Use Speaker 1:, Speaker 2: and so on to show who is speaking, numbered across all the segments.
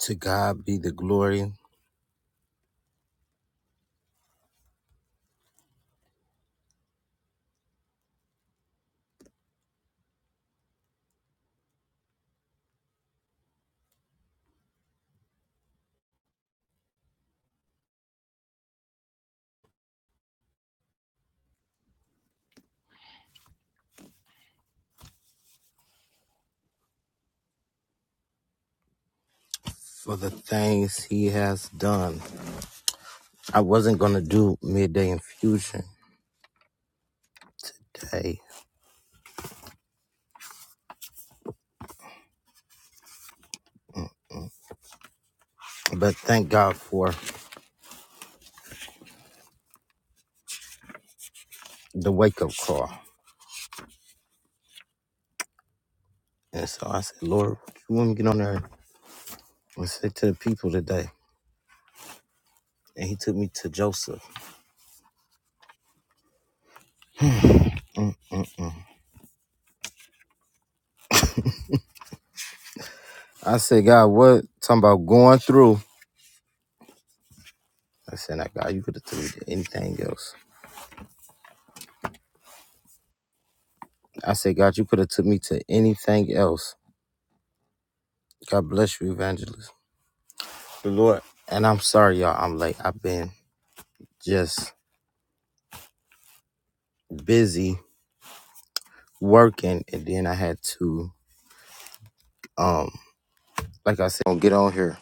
Speaker 1: To God be the glory for the things he has done. I wasn't going to do midday infusion today, but thank God for the wake up call. And so I said, Lord, you want me to get on there and say to the people today? And he took me to Joseph. I said, God, what? Talking about going through. I said, now, God, you could have took me to anything else. I said, God, you could have took me to anything else. God bless you, evangelist. The Lord. And I'm sorry, y'all. I'm late. I've been just busy working and then I had to um like I said "Don't get on here.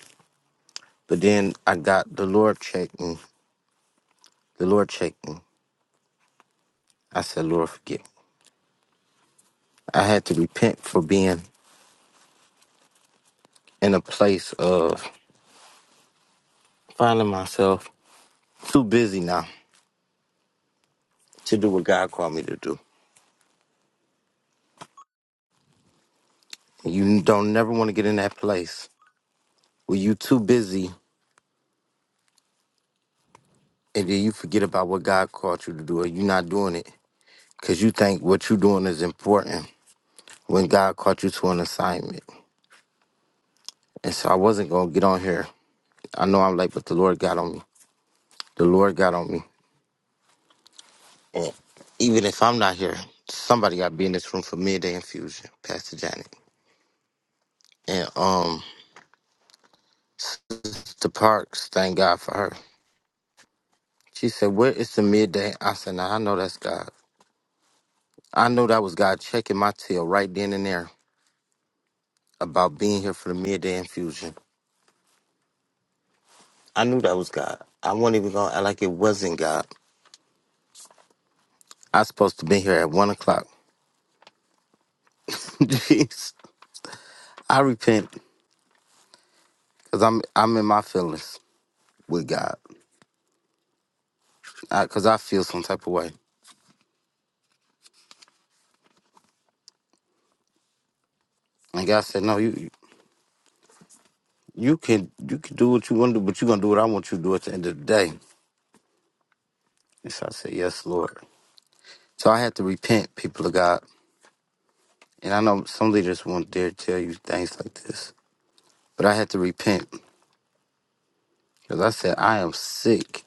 Speaker 1: But then I got the Lord checked me. The Lord checked me. I said, Lord forgive me. I had to repent for being in a place of finding myself too busy now to do what God called me to do. You don't never want to get in that place where you too busy and then you forget about what God called you to do or you're not doing it because you think what you're doing is important when God called you to an assignment. And so I wasn't going to get on here I know I'm late, but the Lord got on me. The Lord got on me. And even if I'm not here, somebody got to be in this room for midday infusion, Pastor Janet. And um, the Parks, thank God for her. She said, Where is the midday? I said, Nah, I know that's God. I know that was God checking my tail right then and there about being here for the midday infusion. I knew that was God. I wasn't even going to act like it wasn't God. I supposed to be here at one o'clock. Jeez, I repent because I'm I'm in my feelings with God. because I feel some type of way. And God said, no, you you can you can do what you want to do, but you're gonna do what I want you to do at the end of the day. And so I said, yes, Lord. So I had to repent, people of God. And I know some leaders won't dare tell you things like this, but I had to repent because I said I am sick.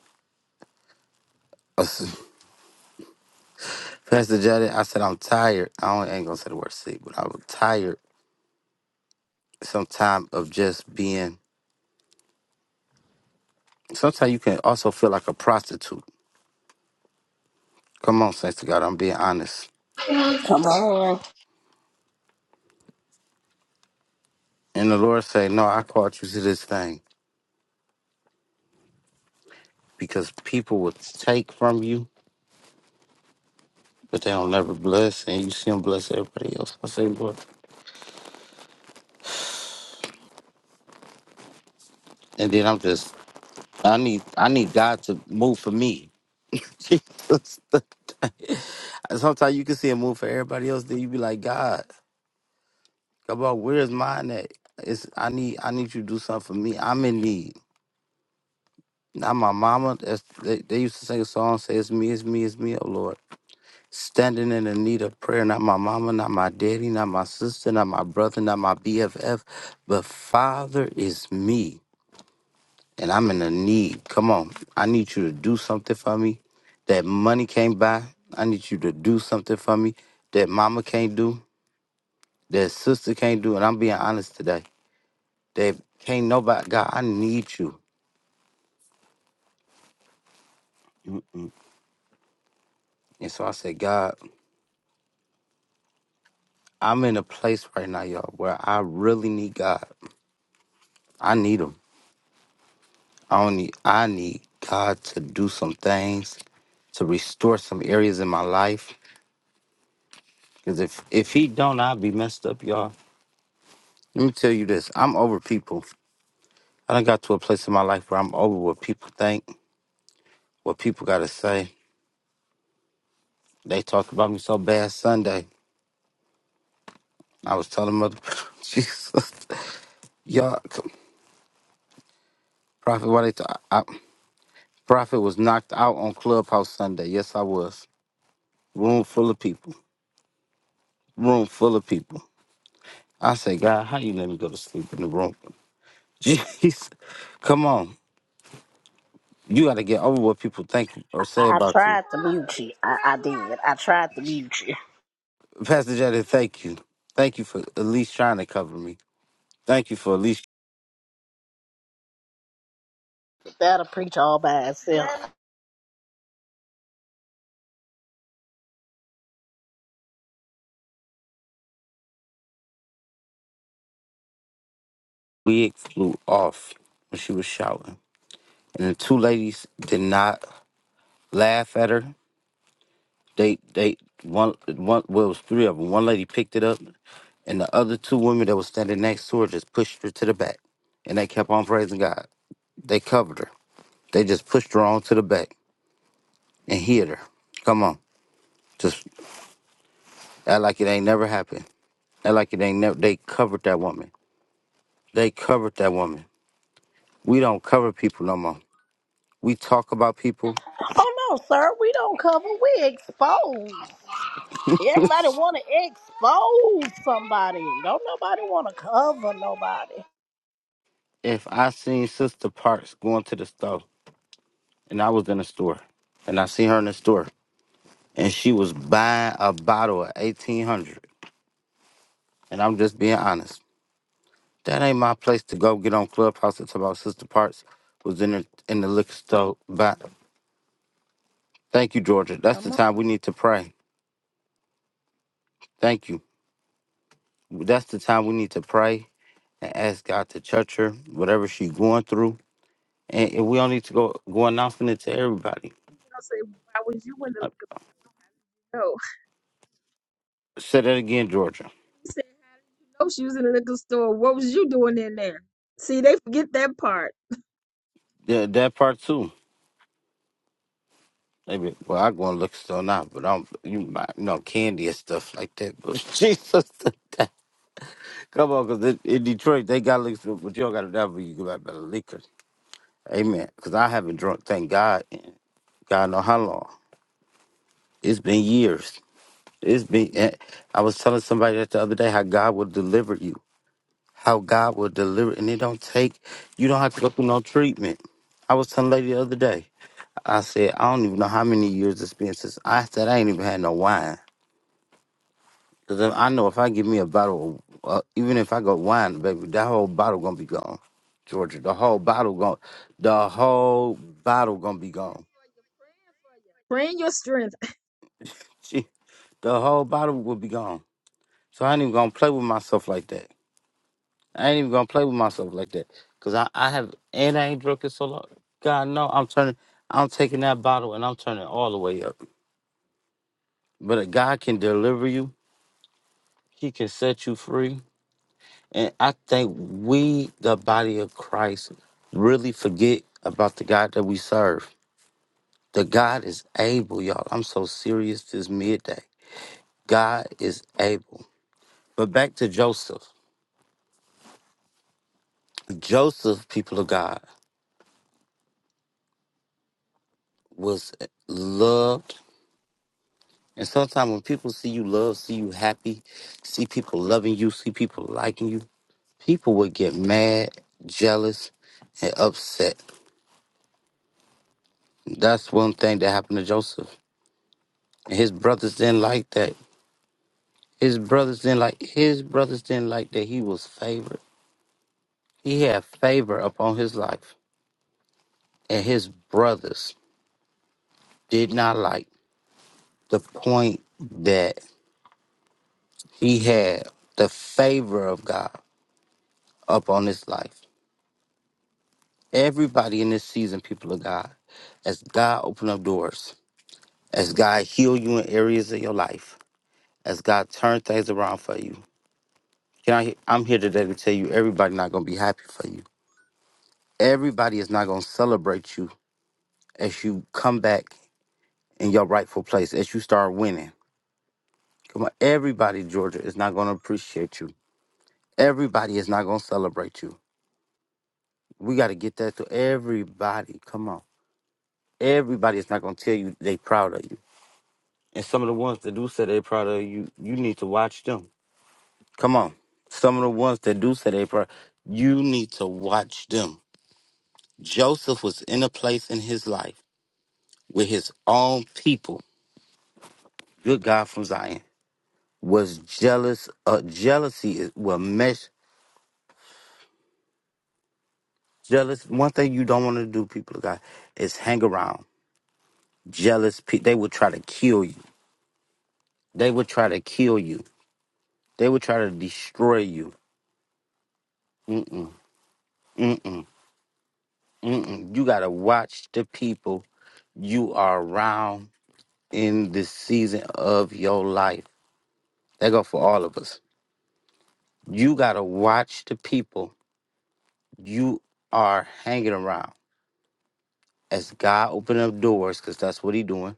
Speaker 1: of Pastor Jada, I said I'm tired. I don't- I ain't gonna say the word sick, but I was tired Sometimes of just being. Sometimes you can also feel like a prostitute. Come on, saints to God, I'm being honest
Speaker 2: Come on.
Speaker 1: And the Lord say, No, I called you to this thing because people will take from you, but they don't never bless, and you see them bless everybody else. I say, Lord, and then I'm just, I need, I need God to move for me. Jesus. Sometimes you can see Him move for everybody else, then you be like, God, come on, where's mine at? It's I need, I need you to do something for me. I'm in need. Not my mama. That's, they, they used to sing a song, say, "It's me, it's me, it's me." Oh Lord. standing in the need of prayer, not my mama, not my daddy, not my sister, not my brother, not my BFF, but Father is me, and I'm in a need. Come on, I need you to do something for me that money can't buy. I need you to do something for me that mama can't do, that sister can't do, and I'm being honest today. That can't nobody, God, I need you. Mm-mm. And so I said, God, I'm in a place right now, y'all, where I really need God. I need Him. I only I need God to do some things to restore some areas in my life. Cause if if He don't, I'll be messed up, y'all. Let me tell you this: I'm over people. I done got to a place in my life where I'm over what people think, what people gotta say. They talked about me so bad Sunday. I was telling mother, Jesus, y'all, c- prophet, why they? Talk? I, prophet was knocked out on Clubhouse Sunday. Yes, I was. Room full of people. Room full of people. I say, God, how you let me go to sleep in the room? Jeez. Come on. You got to get over what people think or say
Speaker 2: I, I
Speaker 1: about you.
Speaker 2: tried to mute you. I, I did. I tried to mute you.
Speaker 1: Pastor Jada, thank you. Thank you for at least trying to cover me. Thank you for at least
Speaker 2: That'll preach all by itself.
Speaker 1: we flew off when she was shouting. And the two ladies did not laugh at her. They, they, one, one, well, it was three of them. One lady picked it up, and the other two women that was standing next to her just pushed her to the back. And they kept on praising God. They covered her. They just pushed her on to the back and hit her. Come on. Just Act like it ain't never happened. Act like it ain't never. They covered that woman. They covered that woman. We don't cover people no more. We talk about people.
Speaker 2: Oh no, sir. We don't cover. We expose. Everybody want to expose somebody. Don't nobody want to cover nobody.
Speaker 1: if I seen Sister Parks going to the store, and I was in the store, and I see her in the store, and she was buying a bottle of eighteen hundred, and I'm just being honest. That ain't my place to go get on Clubhouse and talk about Sister Parks was in the in the liquor store. But thank you, Georgia. That's the
Speaker 3: Come on.
Speaker 1: time we need to pray. Thank you. That's the time we need to pray and ask God to touch her, whatever she's going through. And, and we don't need to go, go announcing it to everybody.
Speaker 3: I say, why was you in the
Speaker 1: Uh,
Speaker 3: liquor store? No.
Speaker 1: say that again, Georgia.
Speaker 3: He said, how did you know she was in the liquor store? What was you doing in there? See, they forget that part.
Speaker 1: The, that part too. Maybe, well, I go and look still now, but I'm, you might you know, candy and stuff like that. But Jesus, come on, because in, in Detroit, they got liquor, but you don't got to that, but you go back better liquor. Amen. Because I haven't drunk, thank God, in God know how long. It's been years. It's been, eh, I was telling somebody that the other day how God will deliver you how God will deliver, and it don't take. You don't have to go through no treatment. I was telling a lady the other day. I said I don't even know how many years it's been since I said I ain't even had no wine. Cause if- I know if I give me a bottle, of, uh, even if I go wine, baby, that whole bottle gonna be gone. Georgia, the whole bottle gone. The whole bottle gonna be
Speaker 3: Praying
Speaker 1: gone.
Speaker 3: for you, praying for you. Praying your strength. I'm
Speaker 1: She, the whole bottle will be gone. So I ain't even gonna play with myself like that. I ain't even gonna play with myself like that. Cause I, I have and I ain't drunk it so long. God no, I'm turning I'm taking that bottle and I'm turning all the way up. But a God can deliver you, He can set you free. And I think we, the body of Christ, really forget about the God that we serve. The God is able, y'all. I'm so serious this midday. God is able. But back to Joseph. Joseph, people of God, was loved And sometimes when people see you love, see you happy, see people loving you, see people liking you, people would get mad, jealous, and upset. That's one thing that happened to Joseph. His brothers didn't like that. His brothers didn't like his brothers didn't like that he was favored. He had favor upon his life. And his brothers did not like the point that he had the favor of God upon his life. Everybody in this season, people of God, as God open up doors, as God heal you in areas of your life, as God turn things around for you. Can I? I'm here today to tell you, everybody not gonna be happy for you. Everybody is not gonna celebrate you as you come back in your rightful place, as you start winning. Come on, everybody, Georgia is not gonna appreciate you. Everybody is not gonna celebrate you. We gotta get that to everybody. Come on, everybody is not gonna tell you they proud of you. And some of the ones that do say they proud of you, you need to watch them. Come on. Some of the ones that do say they proud, you need to watch them. Joseph was in a place in his life with his own people. Good God from Zion was jealous. Uh, jealousy is well, mesh jealous. One thing you don't want to do, people of God, is hang around jealous. Pe- they would try to kill you. They would try to kill you. They would try to destroy you. Mm mm mm mm. Mm-mm. You got to watch the people you are around in this season of your life. That go for all of us. You got to watch the people you are hanging around. As God open up doors, because that's what he doing.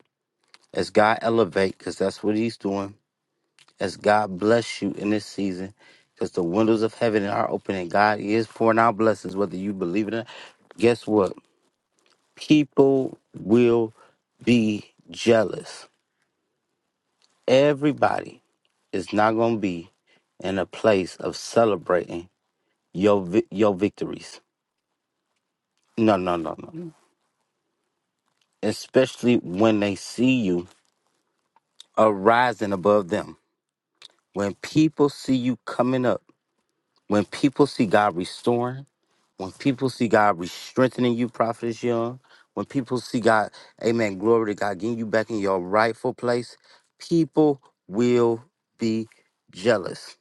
Speaker 1: As God elevate, because that's what he's doing. As God bless you in this season, because the windows of heaven are open and God is pouring out blessings, whether you believe it or not. Guess what? People will be jealous Everybody is not going to be in a place of celebrating your vi- your victories. No, no, no, no. no. Especially when they see you arising above them. When people see you coming up. When people see God restoring. When people see God re-strengthening you, Prophetess Young. When people see God, amen, glory to God, getting you back in your rightful place. People will be jealous.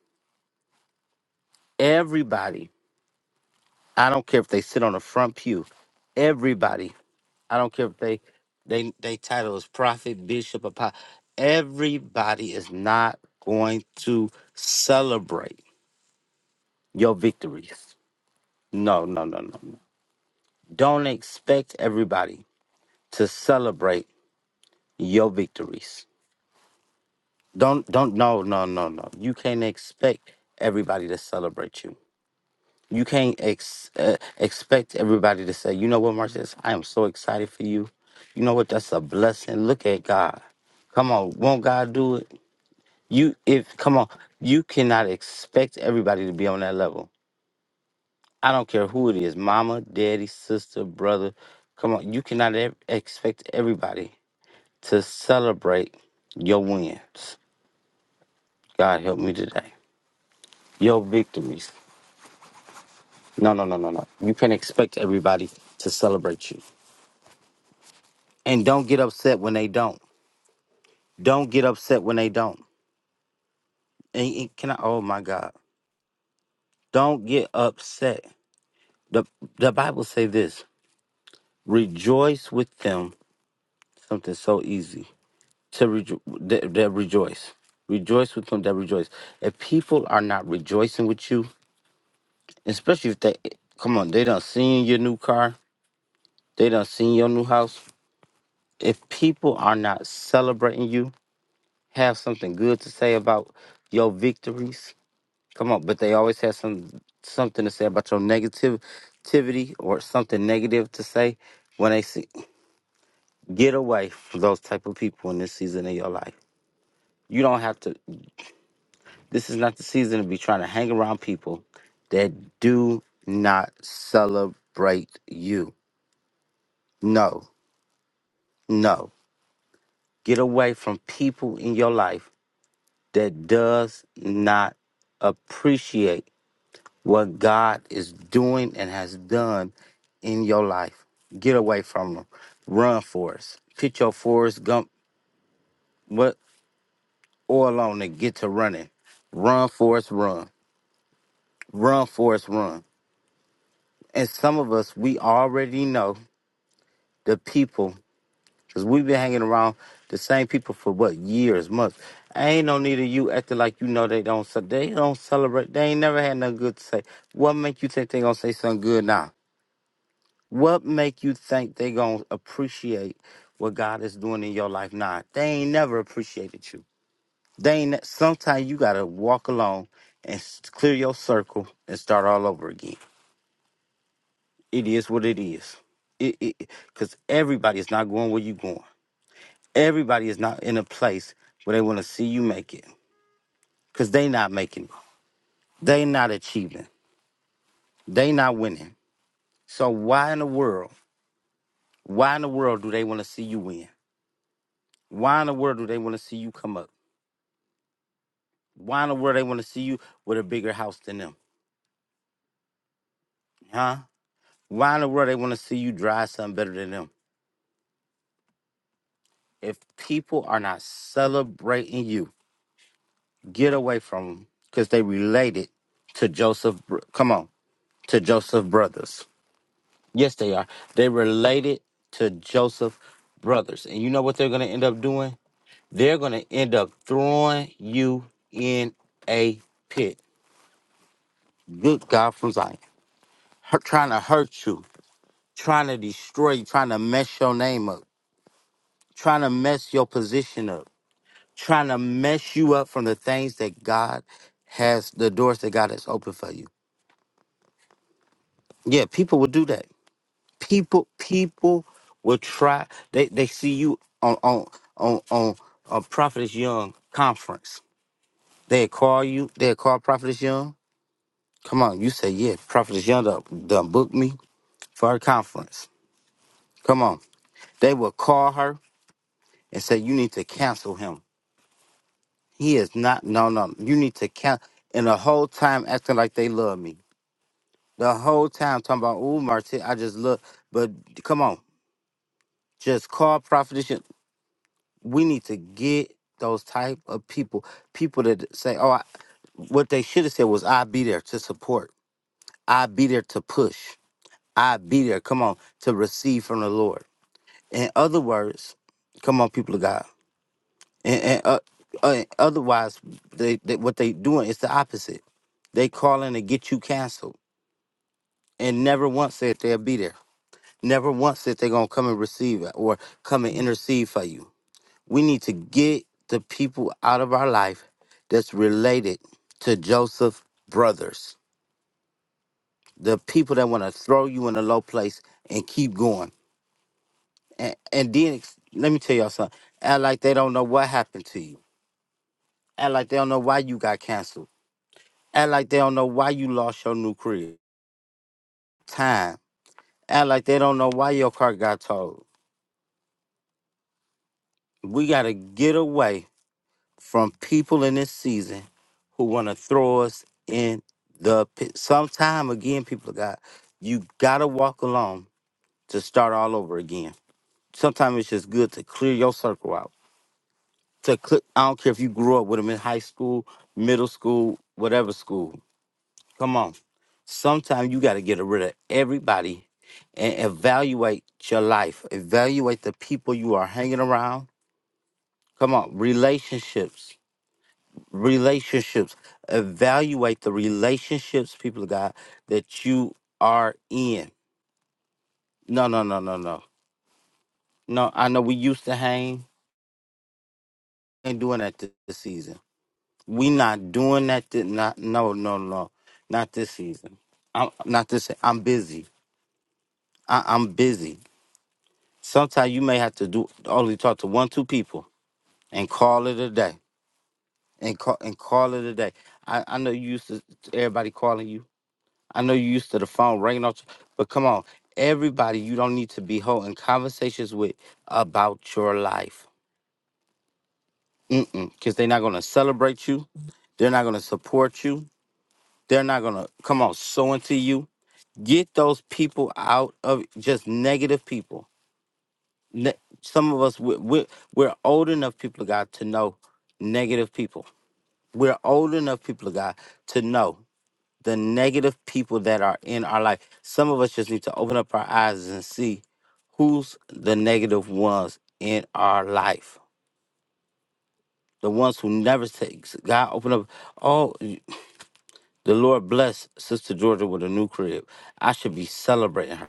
Speaker 1: Everybody I don't care if they sit on the front pew. Everybody. I don't care if they they they title is prophet, bishop, apostle. Everybody is not going to celebrate your victories. No, no, no, no, no. Don't expect everybody to celebrate your victories. Don't don't no no no no. You can't expect everybody to celebrate you. You can't ex- uh, expect everybody to say, you know what, Marcus, I am so excited for you. You know what? That's a blessing. Look at God. Come on, won't God do it? You, if come on, you cannot expect everybody to be on that level. I don't care who it is, mama, daddy, sister, brother. Come on, you cannot ev- expect everybody to celebrate your wins. God help me today. Your victories. No, no, no, no, no. You can't expect everybody to celebrate you. And don't get upset when they don't. Don't get upset when they don't. And and can I? Oh my God! Don't get upset. the The Bible say this: Rejoice with them. Something so easy to rejo- that, that rejoice. Rejoice with them that rejoice. If people are not rejoicing with you, especially if they come on, they done seen your new car, they done seen your new house. If people are not celebrating you, have something good to say about your victories Come on, but they always have some something to say about your negativity or something negative to say when they see. Get away from those type of people in this season of your life. You don't have to. This is not the season to be trying to hang around people that do not celebrate you. No, no. Get away from people in your life that does not appreciate what God is doing and has done in your life. Get away from them. Run for us. Put your Forrest Gump what oil on and get to running. Run for us, run. Run for us, run. And some of us, we already know the people because we've been hanging around the same people for what years, months. ain't no need of you acting like you know they don't. ce- They don't celebrate. They ain't never had nothing good to say. What make you think they gonna say something good now? What make you think they gonna appreciate what God is doing in your life? Nah, they ain't never appreciated you. They ain't. ne- Sometimes you gotta walk alone and s- clear your circle and start all over again. It is what it is. It, it, Cause everybody is not going where you going. Everybody is not in a place where they want to see you make it. Cause they not making. it. They not achieving. They not winning. So why in the world? Why in the world do they want to see you win? Why in the world do they want to see you come up? Why in the world they want to see you with a bigger house than them? Huh? Why in the world they want to see you drive something better than them? If people are not celebrating you, get away from them because they related to Joseph. Come on, to Joseph brothers. Yes, they are. They related to Joseph brothers, and you know what they're going to end up doing? They're going to end up throwing you in a pit. Good God from Zion, Hurt- trying to hurt you trying to destroy, you, trying to mess your name up, trying to mess your position up, trying to mess you up from the things that God has, the doors that God has opened for you. Yeah, people will do that. People, people will try. They they see you on on on on a Prophetess Young conference. They call you. They call Prophetess Young. Come on, you say yeah. Prophetess Young done, done booked me for her conference. Come on. They will call her and say you need to cancel him He is not. No, no. You need to count. And the whole time acting like they love me. The whole time talking about, oh, Marty, I just look. But come on, just call prophetess. We need to get those type of people. People that say, oh, I, what they should have said was, I'll be there to support. I'll be there to push. I'll be there, come on, to receive from the Lord. In other words, come on, people of God. and, and uh, uh, otherwise they, they what they doing is the opposite they calling to get you canceled and never once said they'll be there never once said they're gonna come and receive it or come and intercede for you we need to get the people out of our life that's related to joseph brothers the people that want to throw you in a low place and keep going and, and then ex- let me tell y'all something act like they don't know what happened to you act like they don't know why you got canceled Act like they don't know why you lost your new crib. Time. Act like they don't know why your car got towed. We gotta get away from people in this season who wanna throw us in the pit. Sometime again, people of God, you gotta walk alone to start all over again. Sometimes it's just good to clear your circle out. To cl- I don't care if you grew up with them in high school, middle school, whatever school. Come on. Sometimes you got to get rid of everybody and evaluate your life. Evaluate the people you are hanging around. Come on, relationships. Relationships. Evaluate the relationships, people of God, that you are in. No, no, no, no, no. No, I know we used to hang. Ain't doing that th- this season. We not doing that. Th- not no, no, no. Not this season. I'm not this. I'm busy. I, I'm busy. Sometimes you may have to do only talk to one, two people and call it a day. And call and call it a day. I, I know you used to everybody calling you. I know you used to the phone ringing off, but come on, everybody you don't need to be holding conversations with about your life. Mm-mm. Cause they're not gonna celebrate you. They're not gonna support you. They're not gonna come on, sow into you. Get those people out of just negative people ne- some of us we're, we're, we're old enough people of god to know negative people we're old enough people of god to know the negative people that are in our life some of us just need to open up our eyes and see who's the negative ones in our life the ones who never takes god open up oh the lord bless sister georgia with a new crib i should be celebrating her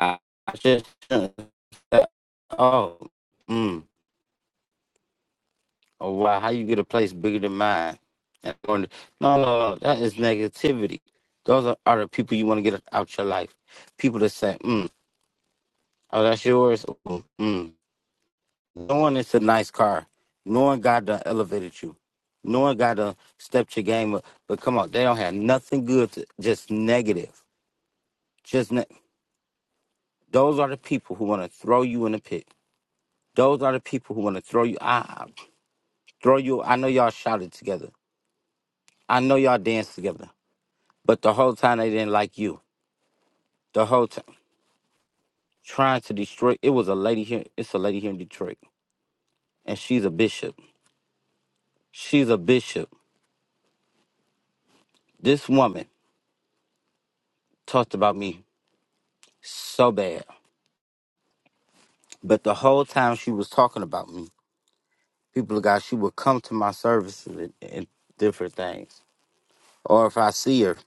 Speaker 1: i, I just shouldn't. oh mm. Oh wow, how you get a place bigger than mine? And going to- no, no, no, that is negativity. Those are, are the people you want to get out your life. People that say, mm, "Oh, that's yours." Ooh, Mm. Knowing it's a nice car, knowing God done elevated you, knowing God done stepped your game up. But come on, they don't have nothing good. To, just negative. Just ne- those are the people who want to throw you in the pit. Those are the people who want to throw you. I I- throw you. I know y'all shouted together. I know y'all danced together. But the whole time they didn't like you. The whole time trying to destroy. It was a lady here. It's a lady here in Detroit, and she's a bishop. She's a bishop. This woman talked about me so bad, but the whole time she was talking about me, people of God, she would come to my services and, and different things. Or if I see her,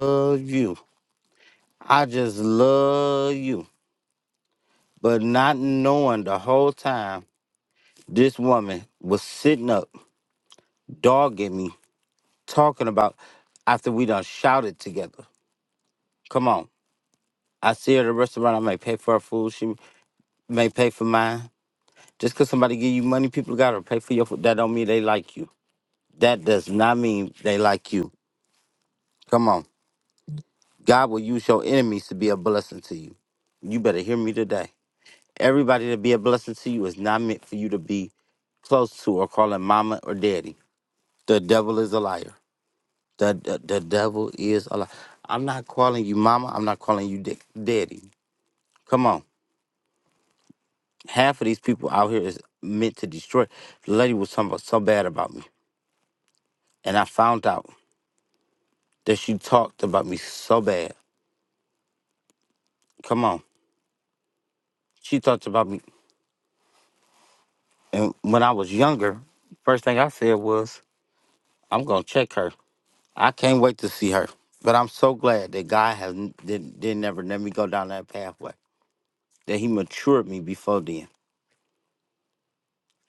Speaker 1: love you. I just love you. But not knowing the whole time, this woman was sitting up, dogging me talking about after we done shouted together. Come on. I see her at a restaurant. I may pay for her food. She may pay for mine. Just because somebody give you money, people got to pay for your food. That don't mean they like you. That does not mean they like you. Come on. God will use your enemies to be a blessing to you. You better hear me today. Everybody to be a blessing to you is not meant for you to be close to or calling mama or daddy. The devil is a liar. The, the, the devil is a liar. I'm not calling you mama. I'm not calling you da- daddy. Come on. Half of these people out here is meant to destroy. The lady was talking about so bad about me. And I found out that she talked about me so bad. Come on. She talked about me. And when I was younger, first thing I said was, I'm going to check her. I can't wait to see her. But I'm so glad that God has didn't, didn't never let me go down that pathway, that He matured me before then.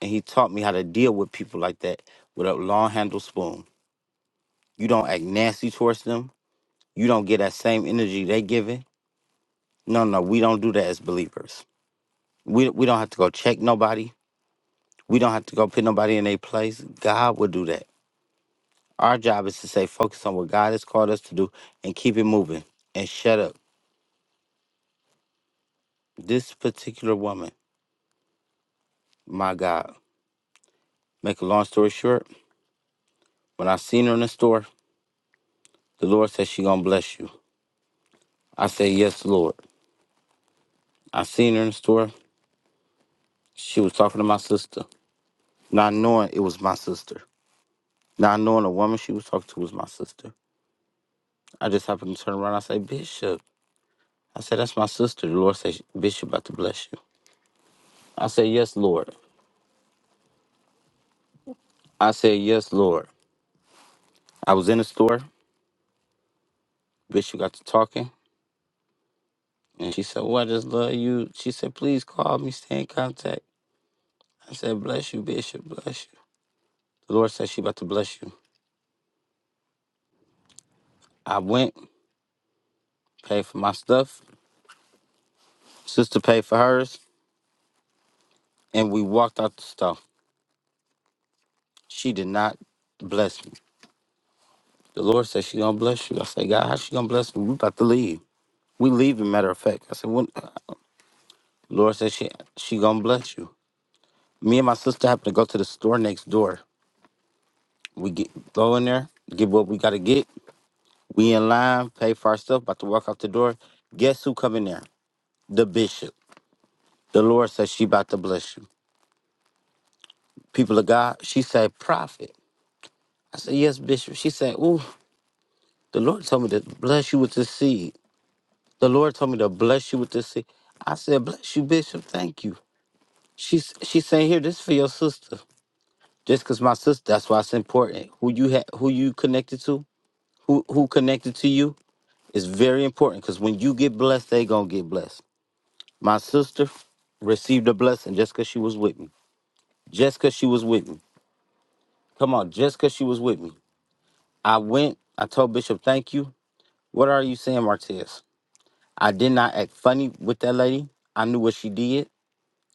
Speaker 1: And He taught me how to deal with people like that with a long handle spoon. You don't act nasty towards them. You don't get that same energy they giving No, no, we don't do that as believers. We we don't have to go check nobody. We don't have to go put nobody in their place. God will do that. Our job is to say focus on what God has called us to do and keep it moving and shut up. This particular woman, my God. Make a long story short, when I seen her in the store, the Lord said she gonna bless you. I said, Yes, Lord. I seen her in the store. She was talking to my sister, not knowing it was my sister. Not knowing the woman she was talking to was my sister. I just happened to turn around. I say, Bishop. I said, That's my sister. The Lord said, Bishop about to bless you. I said, Yes, Lord. I said, Yes, Lord. I was in the store. Bishop got to talking. And she said, Well, I just love you. She said, Please call me. Stay in contact. I said, Bless you, Bishop. Bless you. The Lord said, She about to bless you. I went, paid for my stuff. Sister paid for hers. And we walked out the store. She did not bless me. The Lord said, She gonna bless you. I said, God, how she gonna bless me? We about to leave. We leaving, matter of fact. I said, when, Lord said she she gonna bless you. Me and my sister have to go to the store next door. We get go in there, get what we gotta get. We in line, pay for our stuff, about to walk out the door. Guess who come in there? The bishop. The Lord said she about to bless you. People of God, she said, prophet. I said, yes, bishop. She said, ooh, the Lord told me to bless you with this seed. The Lord told me to bless you with this seed. I said, bless you, bishop. Thank you. She's she saying here, this for your sister. Just cause my sister, that's why it's important. Who you ha- who you connected to, who who connected to you, It's very important because when you get blessed, they gonna get blessed. My sister received a blessing just because she was with me. Just because she was with me. Come on, just because she was with me. I went, I told Bishop, thank you. What are you saying, Martez? I did not act funny with that lady. I knew what she did.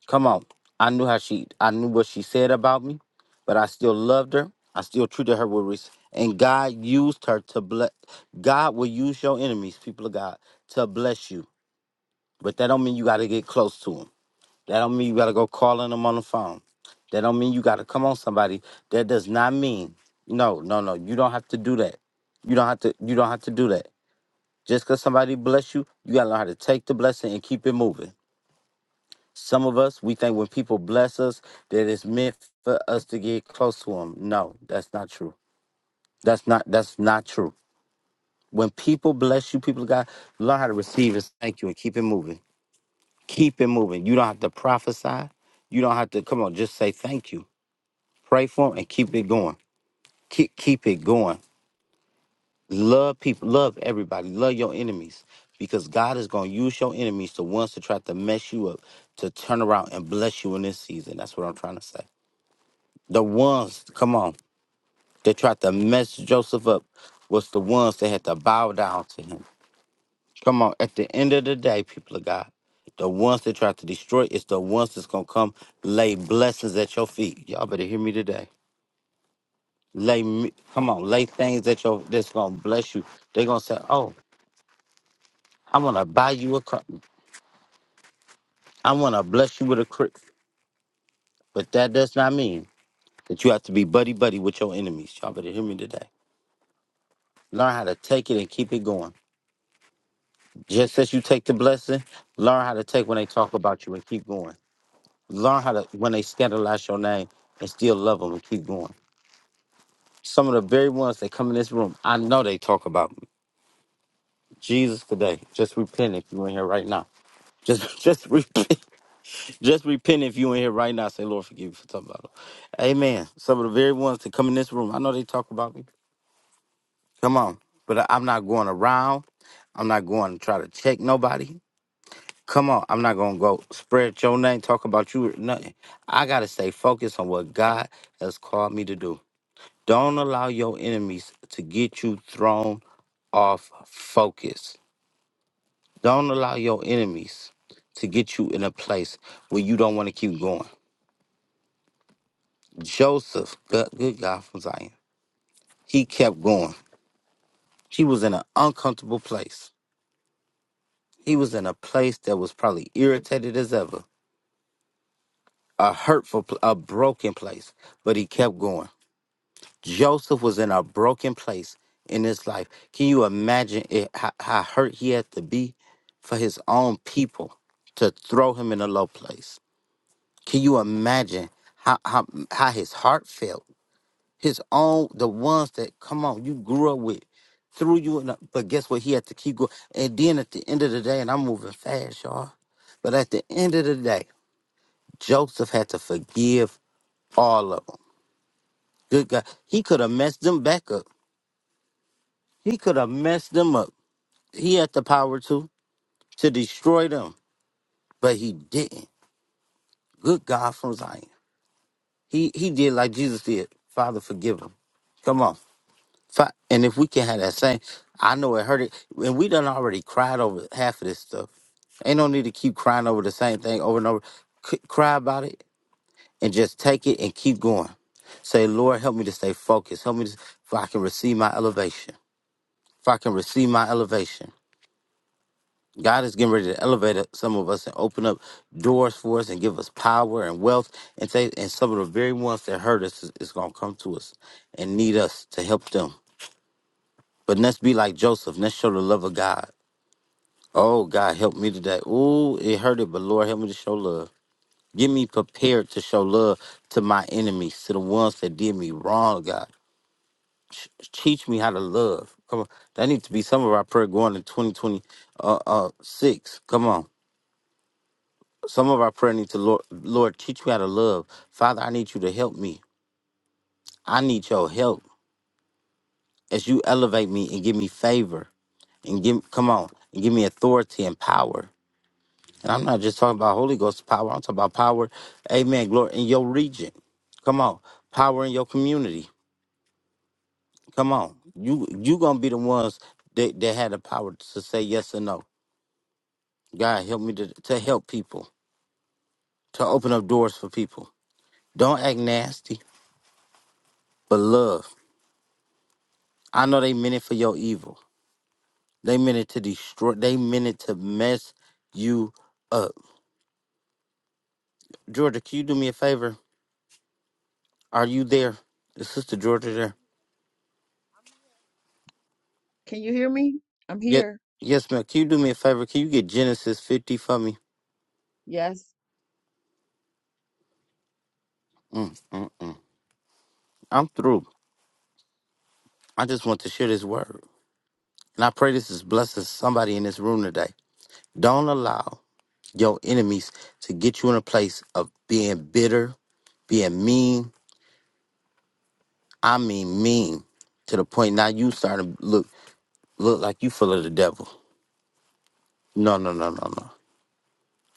Speaker 1: Come on. I knew how she I knew what she said about me, but I still loved her. I still treated her with respect. And God used her to bless God will use your enemies, people of God, to bless you. But that don't mean you gotta get close to them. That don't mean you gotta go calling them on the phone. That don't mean you gotta come on somebody. That does not mean no, no, no. You don't have to do that. You don't have to. You don't have to do that. Just because somebody bless you, you gotta learn how to take the blessing and keep it moving. Some of us, we think when people bless us that it's meant for us to get close to them. No, that's not true. That's not. That's not true. When people bless you, people got learn how to receive and thank you and keep it moving. Keep it moving. You don't have to prophesy. You don't have to come on. Just say thank you. Pray for them and keep it going. Keep keep it going. Love people. Love everybody. Love your enemies because God is going to use your enemies the ones to try to mess you up to turn around and bless you in this season. That's what I'm trying to say. The ones, come on, that tried to mess Joseph up was the ones that had to bow down to him Come on, at the end of the day, people of God, the ones that try to destroy it's the ones that's gonna come lay blessings at your feet. Y'all better hear me today. Lay, me- come on, lay things at your that's gonna bless you. They're gonna say, "Oh, I want to buy you a car. I want to bless you with a crib." But that does not mean that you have to be buddy buddy with your enemies. Y'all better hear me today. Learn how to take it and keep it going. Just as you take the blessing, learn how to take when they talk about you and keep going. Learn how to when they scandalize your name and still love them and keep going. Some of the very ones that come in this room, I know they talk about me. Jesus today. Just repent if you in here right now. Just just repent. Just repent if you in here right now. Say, Lord, forgive me for talking about them. Amen. Some of the very ones that come in this room, I know they talk about me. Come on. But I- I'm not going around. I'm not going to try to check nobody. Come on, I'm not gonna go spread your name, talk about you or nothing. I gotta stay focused on what God has called me to do. Don't allow your enemies to get you thrown off focus. Don't allow your enemies to get you in a place where you don't want to keep going. Joseph, good, good God from Zion, he kept going. He was in an uncomfortable place. He was in a place that was probably irritated as ever, a hurtful, pl- a broken place, but he kept going. Joseph was in a broken place in his life. Can you imagine it, how, how hurt he had to be for his own people to throw him in a low place? Can you imagine how, how, how his heart felt? His own, the ones that, come on, you grew up with, threw you in a, but guess what? He had to keep going. And then at the end of the day, and I'm moving fast, y'all, but at the end of the day, Joseph had to forgive all of them. Good God. He could have messed them back up. He could have messed them up. He had the power to to destroy them, but he didn't. Good God from Zion. He he did like Jesus did. Father, forgive him. Come on. Fi- And if we can have that same, I know it hurt it. And we done already cried over half of this stuff. Ain't no need to keep crying over the same thing over and over. C- cry about it and just take it and keep going. Say, Lord, help me to stay focused. Help me to, if I can receive my elevation. If I can receive my elevation God is getting ready to elevate some of us and open up doors for us and give us power and wealth and say and some of the very ones that hurt us is, is gonna come to us and need us to help them. But let's be like Joseph. Let's show the love of God. Oh God, help me today. Ooh, it hurted, but Lord, help me to show love. Get me prepared to show love to my enemies, to the ones that did me wrong, God. Ch- teach me how to love. Come on, that needs to be some of our prayer going in 2026. Come on. Some of our prayer needs to Lord, Lord, teach me how to love. Father, I need you to help me. I need your help as you elevate me and give me favor and give come on and give me authority and power. And I'm not just talking about Holy Ghost power. I'm talking about power, Amen. Glory in your region. Come on, power in your community. Come on, you you gonna be the ones that that had the power to say yes or no. God help me to to help people to open up doors for people. Don't act nasty, but love. I know they meant it for your evil. They meant it to destroy. They meant it to mess you up. Georgia, can you do me a favor? Are you there? Is Sister Georgia there?
Speaker 3: here. I'm here. Can you hear me? I'm
Speaker 1: Yes,
Speaker 3: here.
Speaker 1: yes, ma'am. Can you do me a favor? Can you get Genesis fifty for me?
Speaker 3: Yes.
Speaker 1: Mm, mm, mm. I'm through. I just want to share this word, and I pray this is blessing somebody in this room today. Don't allow your enemies to get you in a place of being bitter, being mean. I mean mean to the point now you starting to look Look like you full of the devil. No, no, no, no, no.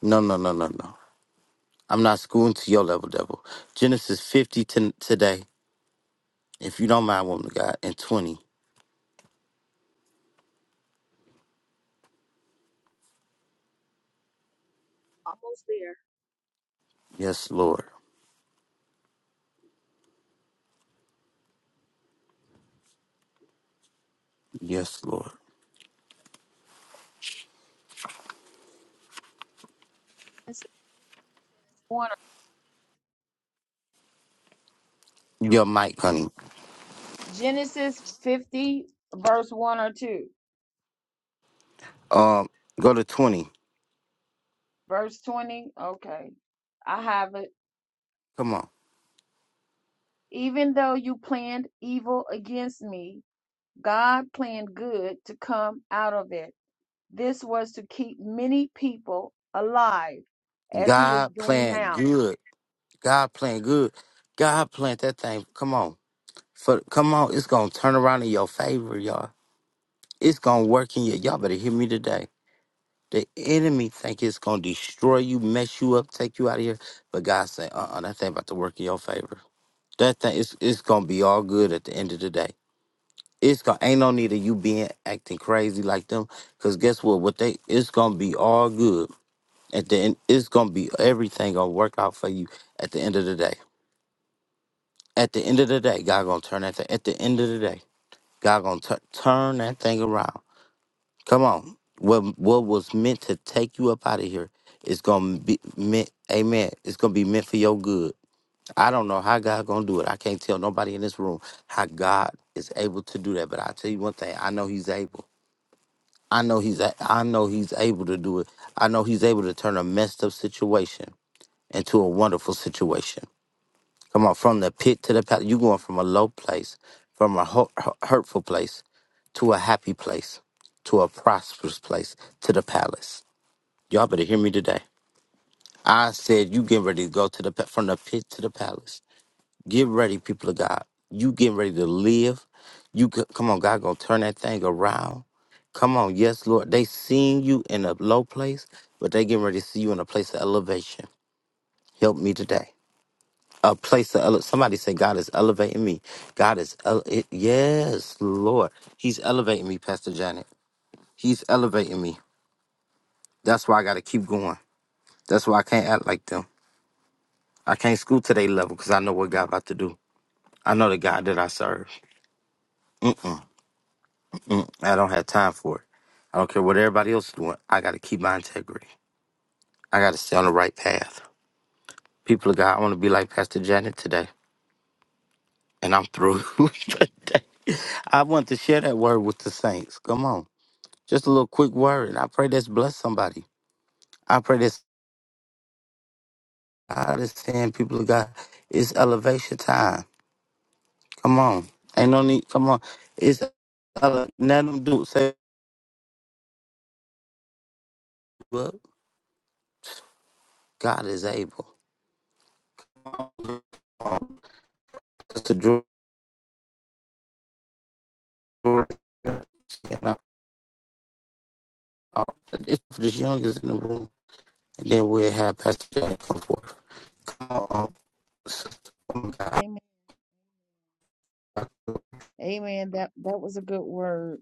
Speaker 1: No, no, no, no, no. I'm not schooling to your level, devil. Genesis 50 to today, if you don't mind, woman of God, and 20.
Speaker 3: Almost there.
Speaker 1: Yes, Lord. Yes, Lord.
Speaker 3: Genesis one or-
Speaker 1: Your mic, honey.
Speaker 3: Genesis 50, verse 1 or 2.
Speaker 1: Um, go to 20.
Speaker 3: Verse 20. Okay. I have it.
Speaker 1: Come on.
Speaker 3: Even though you planned evil against me, God planned good to come out of it. This was to keep many people alive as he is
Speaker 1: God
Speaker 3: doing
Speaker 1: playing
Speaker 3: now.
Speaker 1: good. God playing good. God plant that thing. Come on. For come on, it's gonna turn around in your favor, y'all. It's gonna work in you. Y'all better hear me today. The enemy think it's gonna destroy you, mess you up, take you out of here. But God say, uh uh that thing about to work in your favor. That thing is it's gonna be all good at the end of the day. It's gonna ain't no need of you being acting crazy like them. Cause guess what? What they it's gonna be all good. At the end, it's gonna be everything gonna work out for you at the end of the day. At the end of the day, God gonna turn that thing. At the end of the day, God gonna tu- turn that thing around. Come on. What what was meant to take you up out of here is gonna be meant amen. It's gonna be meant for your good. I don't know how God gonna do it. I can't tell nobody in this room how God is able to do that. But I tell you one thing, I know He's able. I know He's a- I know He's able to do it. I know He's able to turn a messed up situation into a wonderful situation. Come on, from the pit to the palace. You going from a low place, from a hu- hu- hurtful place, to a happy place, to a prosperous place, to the palace. Y'all better hear me today. I said you getting ready to go to the pa- from the pit to the palace. Get ready, people of God. You getting ready to live. You c- come on, God gonna turn that thing around. Come on, yes, Lord. They seeing you in a low place, but they getting ready to see you in a place of elevation. Help me today a place to ele- somebody say God is elevating me. God is ele- it, yes, Lord, He's elevating me, Pastor Janet. He's elevating me. That's why I got to keep going. That's why I can't act like them. I can't school to their level because I know what God about to do. I know the God that I serve. I don't have time for it. I don't care what everybody else is doing. I got to keep my integrity. I got to stay on the right path. People of God, I want to be like Pastor Janet today, and I'm through today. I want to share that word with the saints. Come on. Just a little quick word. I pray this bless somebody. I pray this. I saying, people of God. It's elevation time. Come on. Ain't no need. Come on. It's ele- let them do say what God is able. That's the dr- dr- and I- I- It's for the youngest in the room. And then we'll have Pastor Jack. come forth. Uh,
Speaker 3: Amen. Amen. That that was a good word.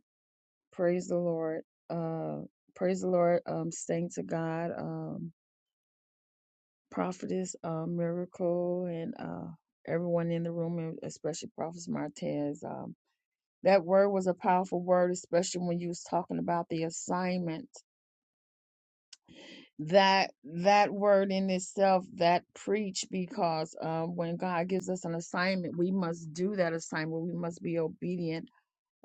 Speaker 3: Praise the Lord. Uh praise the Lord. Um staying to God. Um prophetess uh, miracle and uh everyone in the room and especially prophet Martez. Um that word was a powerful word, especially when you was talking about the assignment that that word in itself that preach because um, when god gives us an assignment we must do that assignment we must be obedient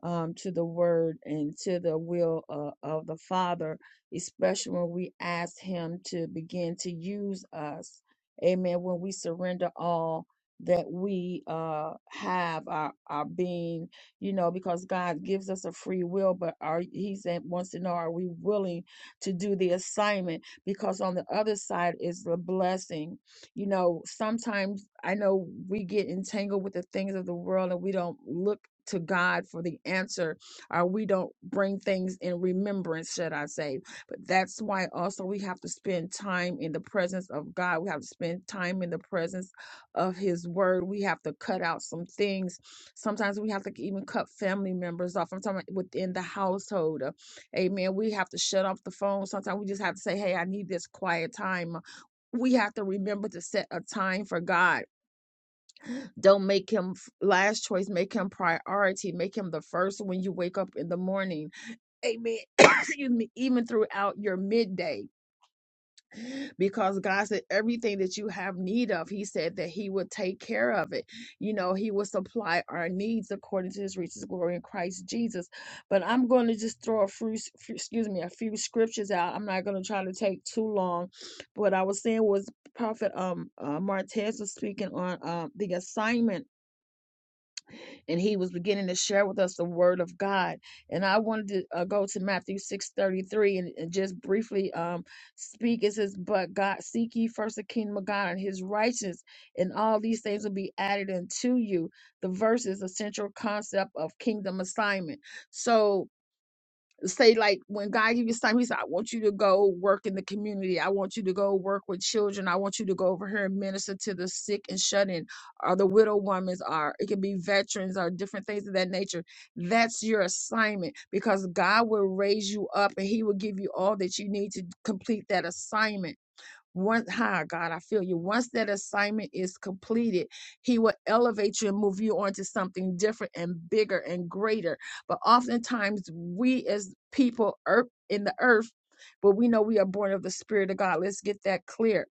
Speaker 3: um, to the word and to the will uh, of the Father, especially when we ask Him to begin to use us. Amen. When we surrender all that we uh, have, our, our being, you know, because God gives us a free will, but are He said, wants to know, are we willing to do the assignment? Because on the other side is the blessing. You know, sometimes I know we get entangled with the things of the world and we don't look to God for the answer, or we don't bring things in remembrance, should I say. But that's why also we have to spend time in the presence of God. We have to spend time in the presence of His Word. We have to cut out some things. Sometimes we have to even cut family members off. I'm talking about within the household. Uh, Amen. We have to shut off the phone. Sometimes we just have to say, hey, I need this quiet time. We have to remember to set a time for God don't make him last choice, make him priority, make him the first when you wake up in the morning. Amen. Excuse me, even throughout your midday, because God said everything that you have need of, He said that He would take care of it. You know, He will supply our needs according to His riches, glory in Christ Jesus. But I'm going to just throw a few, few- excuse me, a few scriptures out. I'm not going to try to take too long. What I was saying was Prophet um uh, Martez was speaking on um the assignment and he was beginning to share with us the word of God. And I wanted to uh, go to Matthew six thirty three and, and just briefly um, speak. It says, "But God, seek ye first the kingdom of God and His righteousness, and all these things will be added unto you." The verse is a central concept of kingdom assignment. So say like when God gives you time, He said, "I want you to go work in the community. I want you to go work with children. I want you to go over here and minister to the sick and shut in, or the widow women's, or it could be veterans, or different things of that nature." That's your assignment because God will raise you up and He will give you all that you need to complete that assignment once, hi, God, I feel you. Once that assignment is completed, He will elevate you and move you onto something different and bigger and greater. But oftentimes, we as people earth in the earth, but we know we are born of the Spirit of God. Let's get that clear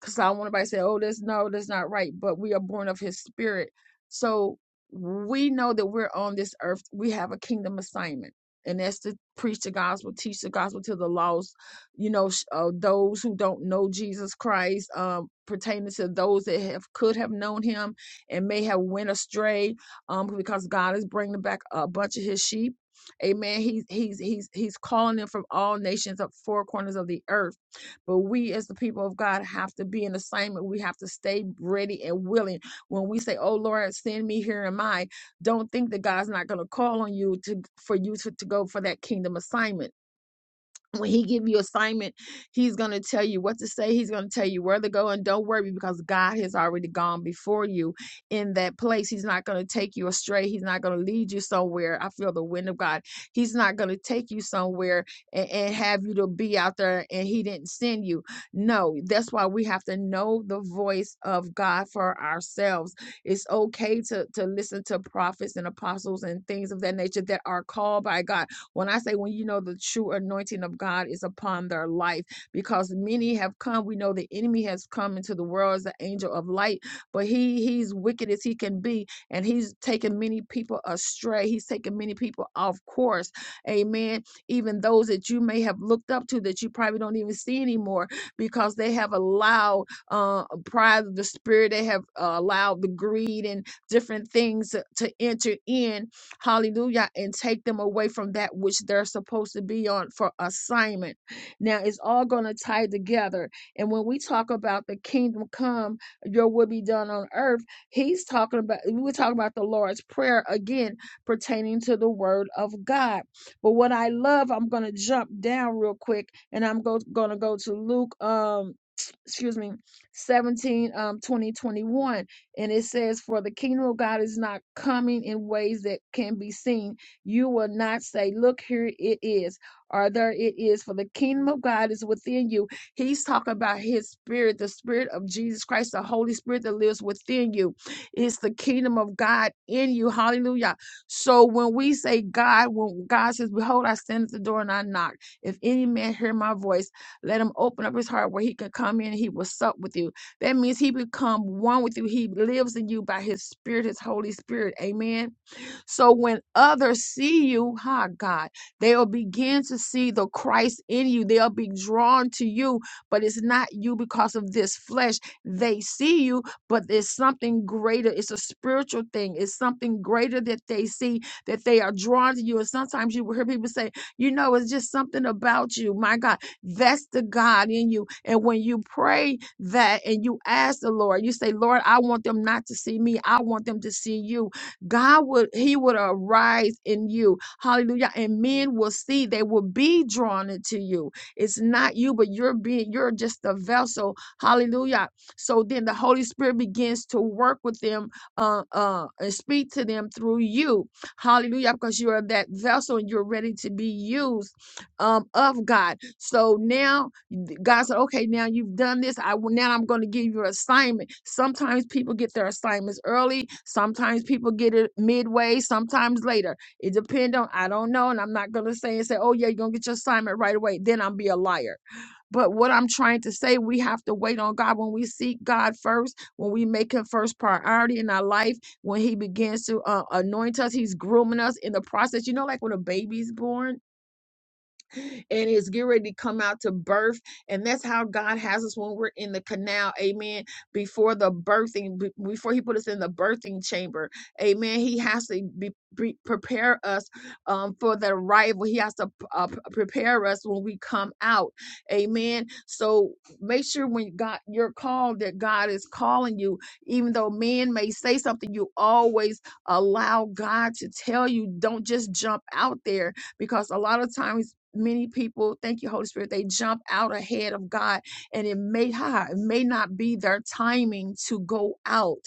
Speaker 3: because I don't want anybody to say, oh, this, no, that's not right, but we are born of his spirit. So we know that we're on this earth. We have a kingdom assignment, and that's to preach the gospel, teach the gospel to the lost, you know, sh- uh, those who don't know Jesus Christ, um, pertaining to those that have could have known him and may have went astray um, because God is bringing back a bunch of his sheep. Amen. He's he's he's he's calling them from all nations of four corners of the earth but we, as the people of God, have to be in assignment. We have to stay ready and willing. When we say, "Oh Lord, send me here, am I?" Don't think that God's not going to call on you to for you to, to go for that kingdom assignment when he give you assignment he's going to tell you what to say he's going to tell you where to go and don't worry because god has already gone before you in that place he's not going to take you astray he's not going to lead you somewhere i feel the wind of god he's not going to take you somewhere and, and have you to be out there and he didn't send you no that's why we have to know the voice of god for ourselves it's okay to, to listen to prophets and apostles and things of that nature that are called by god when I say when you know the true anointing of God is upon their life, because many have come. We know the enemy has come into the world as the angel of light, but he he's wicked as he can be, and he's taken many people astray. He's taken many people off course. Amen. Even those that you may have looked up to that you probably don't even see anymore because they have allowed uh, pride of the spirit. They have uh, allowed the greed and different things to to enter in hallelujah, and take them away from that which they're supposed to be on for assignment. Now, it's all going to tie together. And when we talk about the kingdom come, your will be done on earth, he's talking about, we were talking about the Lord's Prayer again, pertaining to the word of God. But what I love, I'm going to jump down real quick and I'm go, going to go to Luke, um, excuse me, 17, um, 20 21. And it says, For the kingdom of God is not coming in ways that can be seen. You will not say, Look, here it is, or there it is, for the kingdom of God is within you. He's talking about his spirit, the spirit of Jesus Christ, the Holy Spirit that lives within you. It's the kingdom of God in you. Hallelujah. So when we say God, when God says, Behold, I stand at the door and I knock. If any man hear my voice, let him open up his heart where he can come in and he will sup with you. That means he become one with you. He lives in you by his spirit, his Holy Spirit. Amen. So when others see you, ha God, they'll begin to see the Christ in you. They'll be drawn to you, but it's not you because of this flesh. They see you, but it's something greater. It's a spiritual thing. It's something greater that they see that they are drawn to you. And sometimes you will hear people say, you know, it's just something about you. My God, that's the God in you. And when you pray that and you ask the Lord, you say, Lord, I want them not to see me. I want them to see you God would, He would arise in you. Hallelujah. And men will see, they will be drawn into you. It's not you, but you're being, you're just a vessel. Hallelujah. So then the Holy Spirit begins to work with them uh, uh, and speak to them through you. Hallelujah. Because you are that vessel and you're ready to be used um, of God. So now God said, okay, now you've done this. I will now I'm going to give you an assignment. Sometimes people get their assignments early. Sometimes people get it midway. Sometimes later. It depends on I don't know, and I'm not going to say and say, oh yeah, you're going to get your assignment right away. Then I'll be a liar. But what I'm trying to say, we have to wait on God when we seek God first, when we make Him first priority in our life, when He begins to uh, anoint us, He's grooming us in the process. You know, like when a baby's born and it's getting ready to come out to birth. And that's how God has us when we're in the canal. Amen. Before the birthing, be- before He put us in the birthing chamber. Amen. He has to be, pre- prepare us um, for the arrival. He has to uh, p- prepare us when we come out. Amen. So make sure when God you're called that God is calling you, even though men may say something, you always allow God to tell you. Don't just jump out there because a lot of times many people thank you holy spirit they jump out ahead of god and it may ha it may not be their timing to go out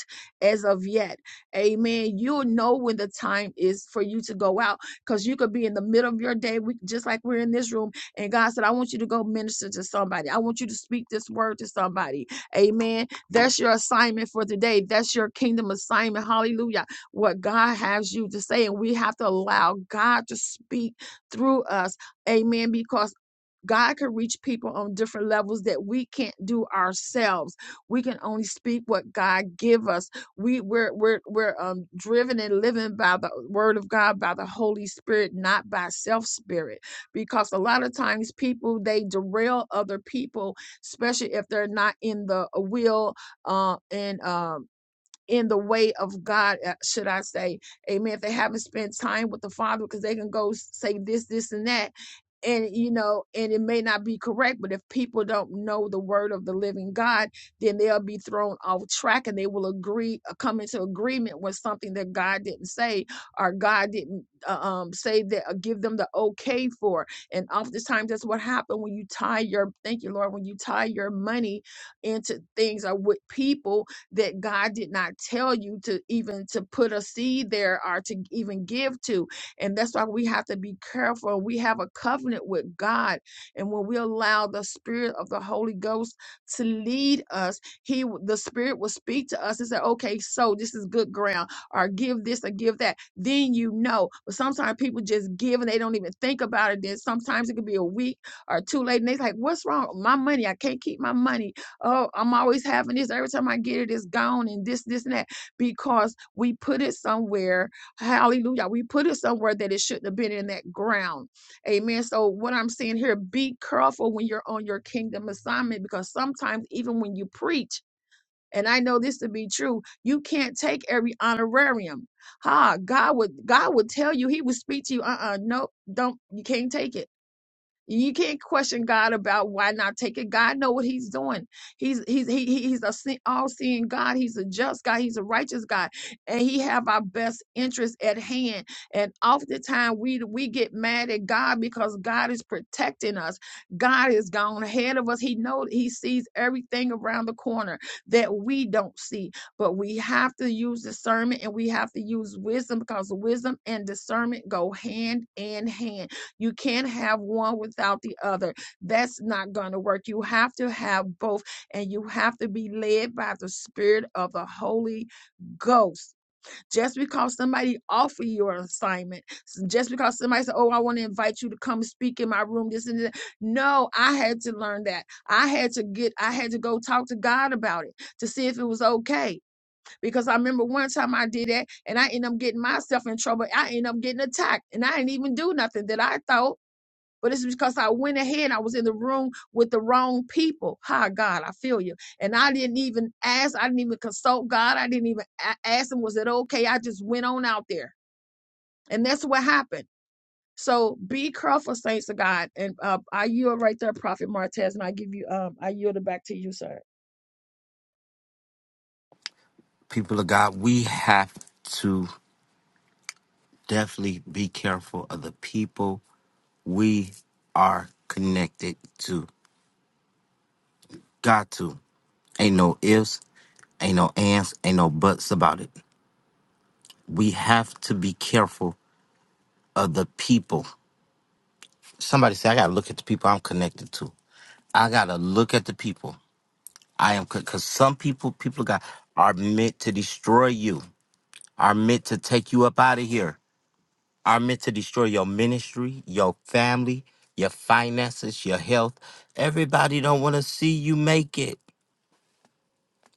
Speaker 3: as of yet amen you'll know when the time is for you to go out because you could be in the middle of your day we just like we're in this room and god said i want you to go minister to somebody i want you to speak this word to somebody amen that's your assignment for today that's your kingdom assignment hallelujah what god has you to say and we have to allow god to speak through us. Amen. Because God can reach people on different levels that we can't do ourselves. We can only speak what God give us. We we're we're we're um driven and living by the word of God, by the Holy Spirit, not by self spirit. Because a lot of times people they derail other people, especially if they're not in the will uh and um in the way of God, uh, should I say. Amen. If they haven't spent time with the Father, because they can go say this, this, and that. And, you know, and it may not be correct, but if people don't know the word of the living God, then they'll be thrown off track and they will agree, uh, come into agreement with something that God didn't say or God didn't uh, um, say that, uh, give them the okay for. And oftentimes that's what happened when you tie your, thank you, Lord, when you tie your money into things or with people that God did not tell you to even to put a seed there or to even give to. And that's why we have to be careful. We have a covenant with God. And when we allow the spirit of the Holy Ghost to lead us, he w- the spirit will speak to us and say, okay, so this is good ground, or give this or give that. Then you know. But sometimes people just give and they don't even think about it. Then sometimes it could be a week or two late. And they like, what's wrong? My money, I can't keep my money Oh, I'm always having this. Every time I get it, it's gone and this, this, and that. Because we put it somewhere. Hallelujah. We put it somewhere that it shouldn't have been in that ground. Amen. So, what I'm saying here, be careful when you're on your kingdom assignment because sometimes, even when you preach, and I know this to be true, you can't take every honorarium. Ha, God would God would tell you, He would speak to you, uh-uh, nope, don't you can't take it. You can't question God about why not take it. God know what He's doing. He's He's he, he- He's a se- all-seeing God. He's a just God. He's a righteous God, and He have our best interest at hand. And oftentimes we we get mad at God because God is protecting us. God is gone ahead of us. He know He sees everything around the corner that we don't see. But we have to use discernment and we have to use wisdom because wisdom and discernment go hand in hand you can't have one without the other. That's not going to work. You have to have both, and you have to be led by the Spirit of the Holy Ghost. Just because somebody offer you an assignment, just because somebody said, "Oh, I want to invite you to come speak in my room," this and that. No, I had to learn that. I had to get. I had to go talk to God about it to see if it was okay. Because I remember one time I did that, and I ended up getting myself in trouble. I ended up getting attacked, and I didn't even do nothing that I thought. But it's because I went ahead. I was in the room with the wrong people. Hi, God, I feel you. And I didn't even ask. I didn't even consult God. I didn't even a- ask him, was it okay? I just went on out there. And that's what happened. So be careful, saints of God. And uh, I yield right there, Prophet Martez, and I give you, um, I yield it back to you, sir.
Speaker 1: People of God, we have to definitely be careful of the people we are connected to. Got to. Ain't no ifs, ain't no ands, ain't no buts about it. We have to be careful of the people. Somebody say, I gotta look at the people I'm connected to. I gotta look at the people I am, because some people, people got are meant to destroy you, are meant to take you up out of here, are meant to destroy your ministry, your family, your finances, your health. Everybody don't want to see you make it.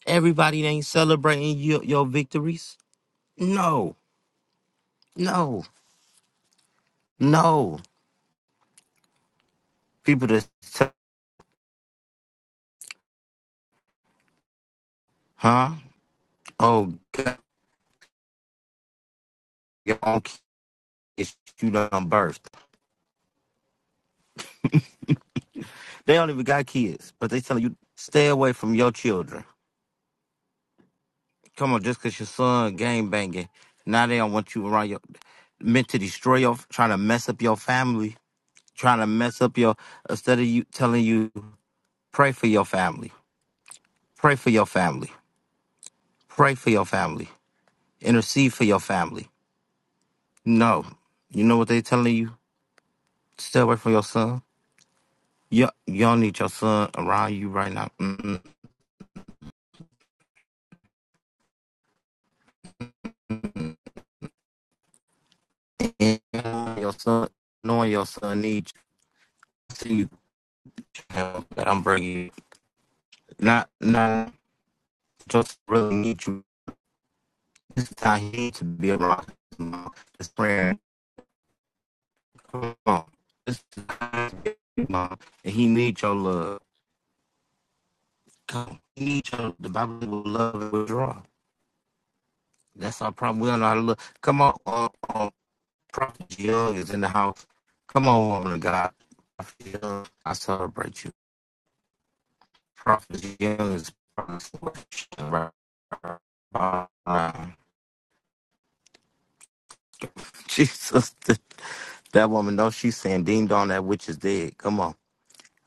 Speaker 1: Everybody ain't celebrating your, your victories. No, no, no. People just, tell- huh? Oh, God, your own kids, you done birthed. They don't even got kids, but they telling you, stay away from your children. Come on, just 'cause your son game banging, now they don't want you around your, meant to destroy your, trying to mess up your family, trying to mess up your, instead of you telling you, pray for your family, pray for your family, pray for your family, intercede for your family No. You know what they telling you? Stay away from your son. Yeah, y'all need your son around you right now. Mm-mm. And Your son, knowing your son needs you. See you, child, that I'm bringing you. Not, not just really need you. This is how he needs to be around his mom. His friend. Come on. This is how he needs to be, mom. And he needs your love. Come on. He needs your, the Bible will love and withdraw. That's our problem. We don't know how to look. Come on. uh, uh, Prophet Young is in the house. Come on, woman of God. Prophet Young, I celebrate you. Prophet Young is Jesus. That woman knows she's saying ding dong, that witch is dead. Come on.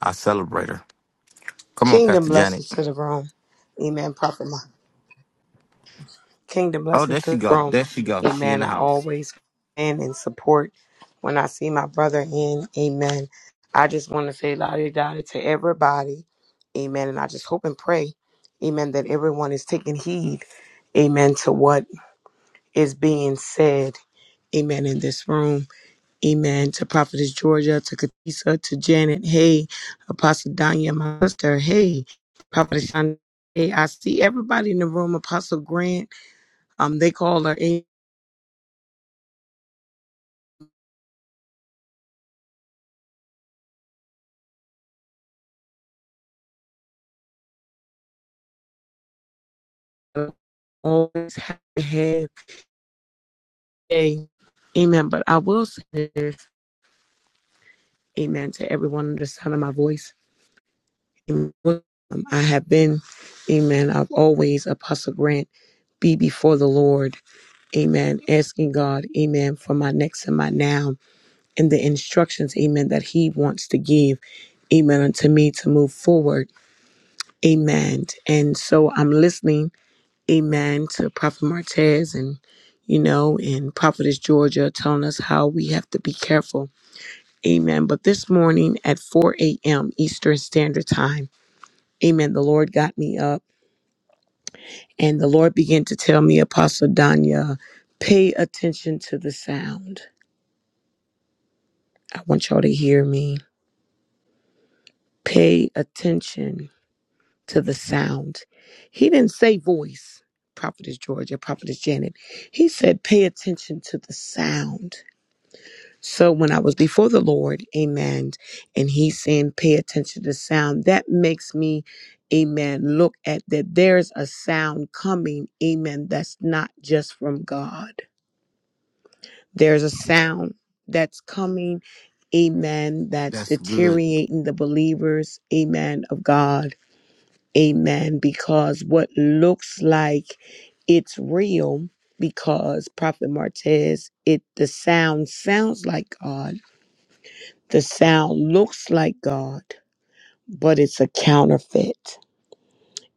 Speaker 1: I celebrate her. Come on,
Speaker 4: Kingdom
Speaker 1: Pastor Janet.
Speaker 4: blessings to the room. Amen. Prophet Mark. Kingdom
Speaker 1: Oh,
Speaker 4: blessings
Speaker 1: there
Speaker 4: to
Speaker 1: she
Speaker 4: the
Speaker 1: go.
Speaker 4: room.
Speaker 1: There she go. She in
Speaker 4: Amen.
Speaker 1: the
Speaker 4: I
Speaker 1: house.
Speaker 4: always in and support when I see my brother in. Amen. I just want to say la di da to everybody. Amen. And I just hope and pray. Amen. That everyone is taking heed. Amen. To what is being said. Amen. In this room. Amen. To Prophetess Georgia, to Katisa, to Janet. Hey, Apostle Danya, my sister. Hey, Prophetess Shonda. Hey, I see everybody in the room. Apostle Grant. Um, they call her. A- always have to have a amen. But I will say this, amen, to everyone under the sound of my voice. Amen. Um, I have been, amen, I've always, Apostle Grant, be before the Lord, amen, asking God, amen, for my next and my now. and the instructions, amen, that he wants to give, amen, unto me to move forward, amen. And so I'm listening, amen, to Prophet Martez and, you know, and Prophetess Georgia telling us how we have to be careful, amen. But this morning at 4 a.m. Eastern Standard Time, amen, the Lord got me up and the Lord began to tell me, Apostle Danya, pay attention to the sound. I want y'all to hear me. Pay attention to the sound. He didn't say voice, Prophetess Georgia, Prophetess Janet. He said, pay attention to the sound. So when I was before the Lord, amen, and he's saying, pay attention to the sound, that makes me, amen, look at that there's a sound coming, amen, that's not just from God. There's a sound that's coming, amen, that's
Speaker 1: That's good.
Speaker 4: deteriorating the believers, amen, of God Amen. Because what looks like it's real, because Prophet Martez, it the sound sounds like God. The sound looks like God, but it's a counterfeit.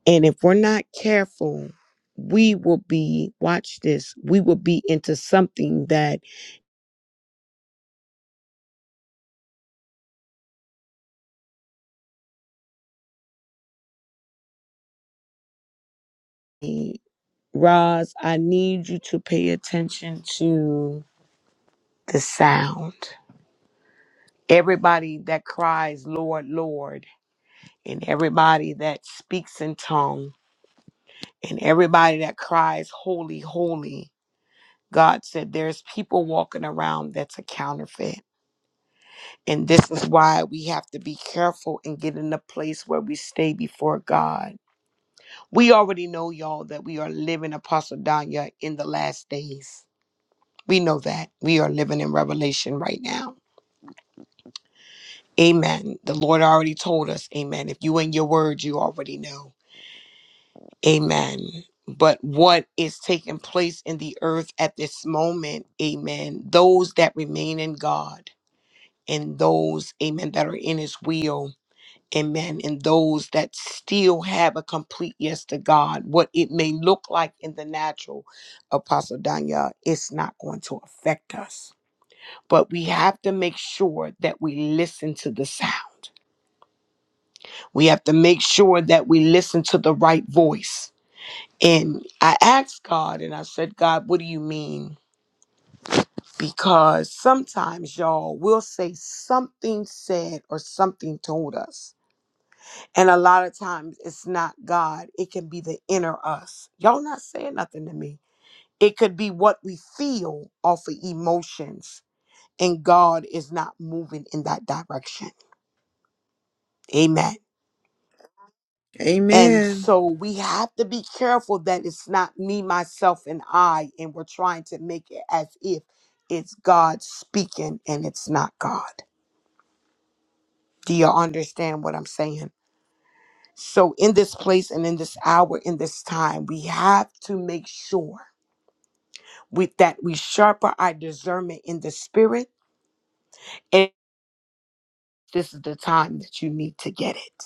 Speaker 4: And if we're not careful, we will be, watch this, we will be into something that Roz, I need you to pay attention to the sound. Everybody that cries, Lord, Lord. and everybody that speaks in tongue and everybody that cries holy holy god said there's people walking around that's a counterfeit and this is why we have to be careful and get in a place where we stay before god we already know y'all that we are living apostle danya in the last days we know that we are living in revelation right now amen the lord already told us amen if you in your word you already know Amen. But what is taking place in the earth at this moment, amen, those that remain in God and those, amen, that are in his will, amen, and those that still have a complete yes to God, what it may look like in the natural, Apostle Danya, it's not going to affect us. But we have to make sure that we listen to the sound. We have to make sure that we listen to the right voice. And I asked God and I said, God, what do you mean? Because sometimes y'all will say something said or something told us. And a lot of times it's not God, it can be the inner us. Y'all not saying nothing to me. It could be what we feel off of emotions, and God is not moving in that direction. Amen. And
Speaker 5: Amen.
Speaker 4: so we have to be careful that it's not me, myself, and I, and we're trying to make it as if it's God speaking and it's not God. Do you understand what I'm saying? So, in this place and in this hour, in this time, we have to make sure with that we sharpen our discernment in the spirit. And this is the time that you need to get it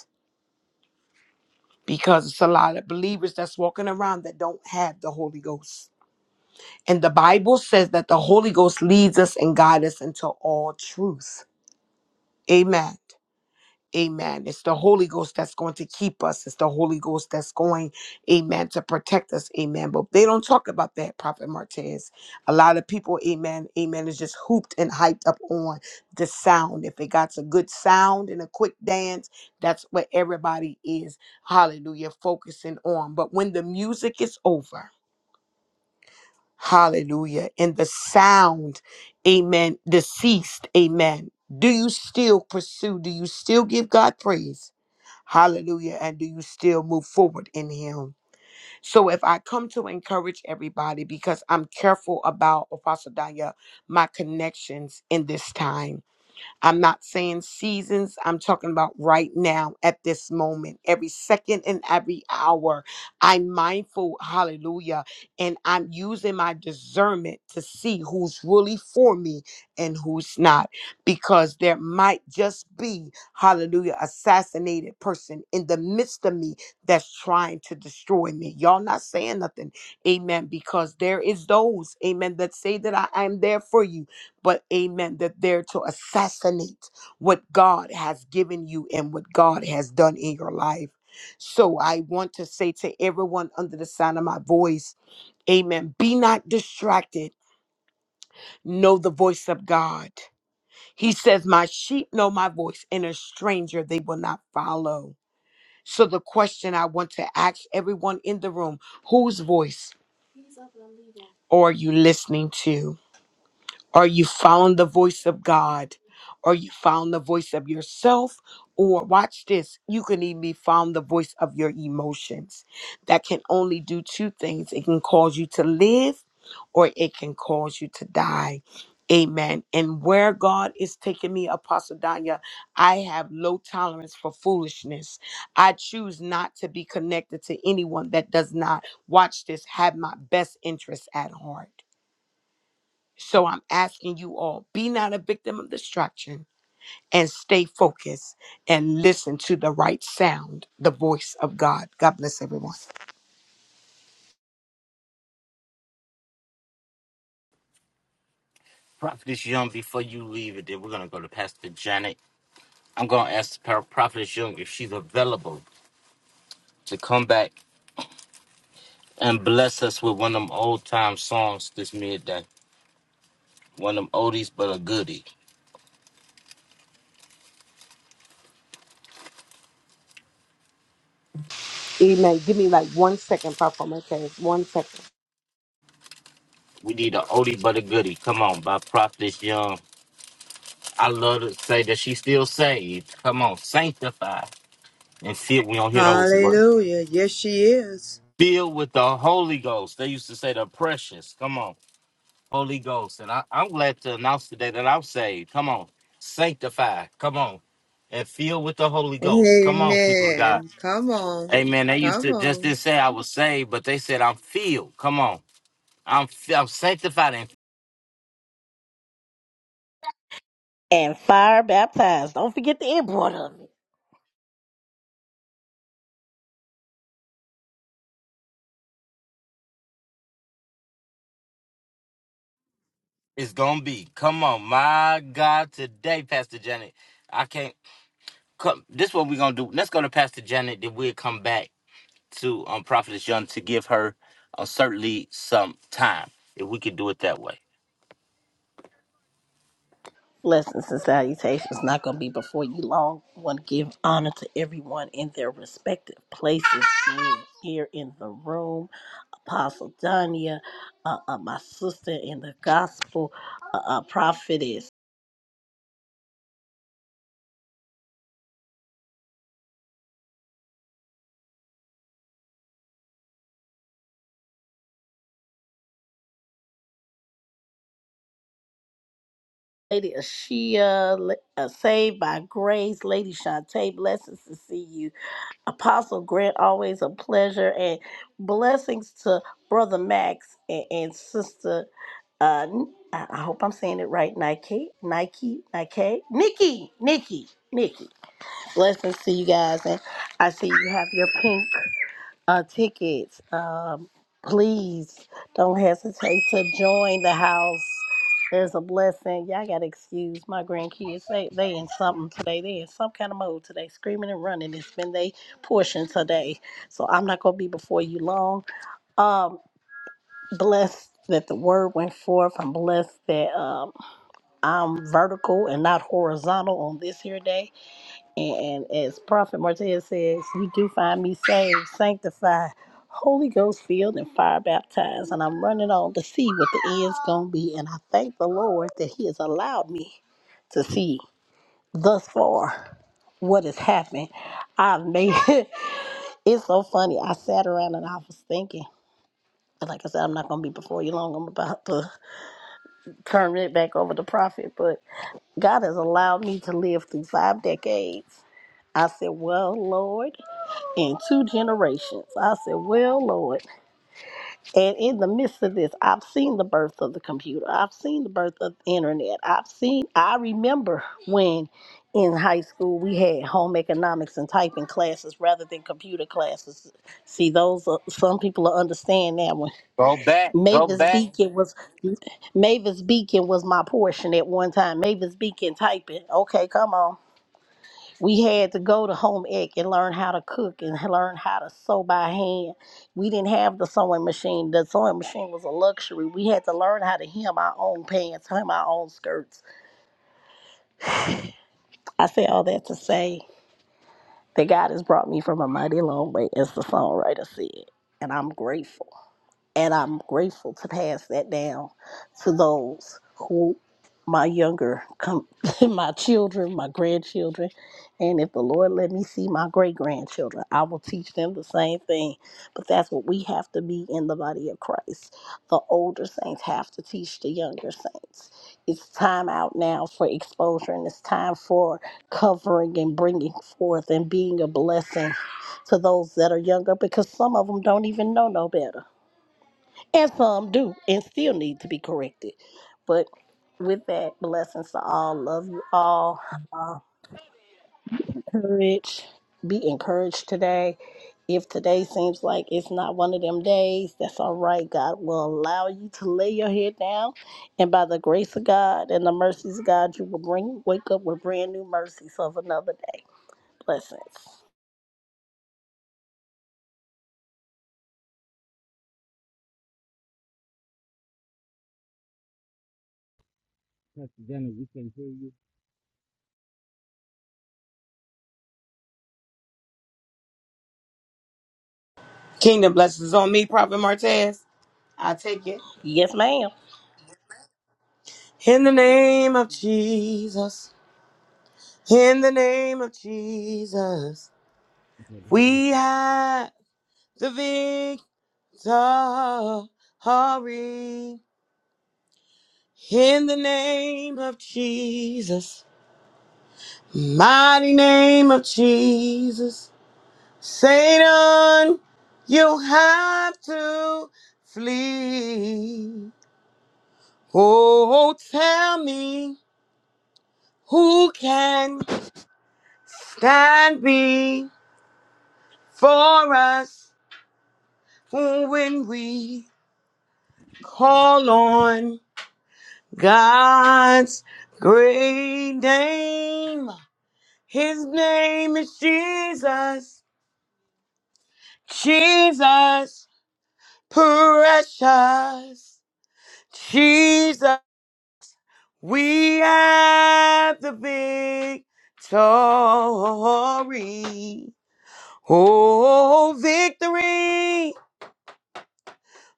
Speaker 4: because it's a lot of believers that's walking around that don't have the Holy Ghost And the Bible says that the Holy Ghost leads us and guides us into all truth. Amen. Amen. It's the Holy Ghost that's going to keep us. It's the Holy Ghost that's going, amen, to protect us. Amen. But they don't talk about that, Prophet Martez. A lot of people, amen, amen, is just hooped and hyped up on the sound. If it got a good sound and a quick dance, that's what everybody is, hallelujah, focusing on. But when the music is over, Hallelujah. And the sound, amen, deceased, amen. Do you still pursue? Do you still give God praise? Hallelujah. And do you still move forward in Him? So, if I come to encourage everybody, because I'm careful about Apostle Danya, my connections in this time. I'm not saying seasons. I'm talking about right now at this moment, every second and every hour. I'm mindful, hallelujah. And I'm using my discernment to see who's really for me and who's not, because there might just be, hallelujah, assassinated person in the midst of me that's trying to destroy me. Y'all not saying nothing, amen, because there is those, amen, that say that I am there for you but amen, that they're to assassinate what God has given you and what God has done in your life. So I want to say to everyone under the sound of my voice, amen, be not distracted. Know the voice of God. He says, My sheep know my voice, and a stranger they will not follow. So the question I want to ask everyone in the room, whose voice are you listening to? Are you following the voice of God? Are you following the voice of yourself? Or watch this, you can even be following the voice of your emotions. That can only do two things it can cause you to live, or it can cause you to die. Amen. And where God is taking me, Apostle Danya, I have low tolerance for foolishness. I choose not to be connected to anyone that does not, watch this, have my best interests at heart. So I'm asking you all be not a victim of distraction and stay focused and listen to the right sound, the voice of God. God bless everyone.
Speaker 1: Prophetess Young, before you leave it, then we're gonna go to Pastor Janet. I'm gonna ask the Prophetess Young if she's available to come back and bless us with one of them old time songs this midday. One of them oldies but a goodie.
Speaker 4: Amen. Give me like one second, Papa Martez. One second.
Speaker 1: We need an oldie but a goodie. Come on, by Prophetess Young. I love to say that she still saved. Come on, sanctified and filled. We don't hear those words.
Speaker 5: Hallelujah. Yes, she is.
Speaker 1: Filled with the Holy Ghost. They used to say the precious. Come on, Holy Ghost. And I, I'm glad to announce today that I'm saved. Come on, sanctified. Come on, and filled with the Holy Ghost. Come on, people of God.
Speaker 5: Amen. Come on.
Speaker 1: Hey man, they used
Speaker 5: Come
Speaker 1: to just
Speaker 5: on.
Speaker 1: didn't say I was saved, but they said I'm filled. Come on, I'm fi- I'm sanctified, and
Speaker 2: And fire baptized. Don't forget the import of it.
Speaker 1: it's gonna be. Come on, my God, today, Pastor Janet, I can't. Come, this what we gonna do. Let's go to Pastor Janet. Then we'll come back to um Prophetess Young to give her uh, certainly some time if we could do it that way.
Speaker 2: Blessings and salutations. Not going to be before you long. I want to give honor to everyone in their respective places being here in the room. Apostle Dania, uh, uh, my sister in the gospel, uh, uh, prophetess. Lady Ashia, La- uh, saved by grace. Lady Shantae, blessings to see you. Apostle Grant, always a pleasure. And blessings to Brother Max and, and Sister uh, N- I I hope I'm saying it right. Nike, Nike, Nike, Nikki, Nikki, Nikki. Blessings to you guys, and I see you have your pink uh, tickets. Um, please don't hesitate to join the house. There's a blessing. Y'all gotta excuse my grandkids. They they in something today. They in some kind of mode today, screaming and running. It's been their portion today, so I'm not gonna be before you long. Um blessed that the word went forth. I'm blessed that um, I'm vertical and not horizontal on this here day. And, and as Prophet Martez says, you do find me saved, sanctified, Holy Ghost filled, and fire baptized. And I'm running on to see what the end's going to be. And I thank the Lord that He has allowed me to see thus far what has happened. I've made it's so funny. I sat around and I was thinking, like I said, I'm not gonna be before you long. I'm about to turn it back over to Prophet, but God has allowed me to live through five decades. I said, Well, Lord, in two generations. I said, Well, Lord. And in the midst of this, I've seen the birth of the computer. I've seen the birth of the internet. I've seen, I remember when in high school we had home economics and typing classes rather than computer classes. See, those, are, some people will understand now
Speaker 1: Go back, go
Speaker 2: Mavis
Speaker 1: back.
Speaker 2: Beacon was Mavis Beacon was my portion at one time. Mavis Beacon typing. Okay, come on. We had to go to home ec and learn how to cook and learn how to sew by hand. We didn't have the sewing machine. The sewing machine was a luxury. We had to learn how to hem our own pants, hem our own skirts. I say all that to say that God has brought me from a mighty long way, as the songwriter said, and I'm grateful. and I'm grateful to pass that down to those who my younger com- my children, my grandchildren, and if the Lord let me see my great grandchildren, I will teach them the same thing. But that's what we have to be in the body of Christ. The older saints have to teach the younger saints. It's time out now for exposure and it's time for covering and bringing forth and being a blessing to those that are younger because some of them don't even know no better and some do and still need to be corrected. But with that, blessings to all. Love you all. Uh, courage. Be encouraged today. If today seems like it's not one of them days, that's all right. God will allow you to lay your head down. And by the grace of God and the mercies of God, you will bring wake up with brand new mercies of another day. Blessings.
Speaker 1: Pastor Dennis, we can hear you.
Speaker 4: Kingdom blessings on me, Prophet Martez. I take it.
Speaker 2: Yes, ma'am.
Speaker 4: In the name of Jesus, in the name of Jesus,
Speaker 1: Okay, love you.
Speaker 4: we have the victory. In the name of Jesus. Mighty name of Jesus, Satan, you have to flee. Oh, tell me who can stand before us when we call on God's great name. His name is Jesus, Jesus. precious Jesus, we have the victory. Oh, victory!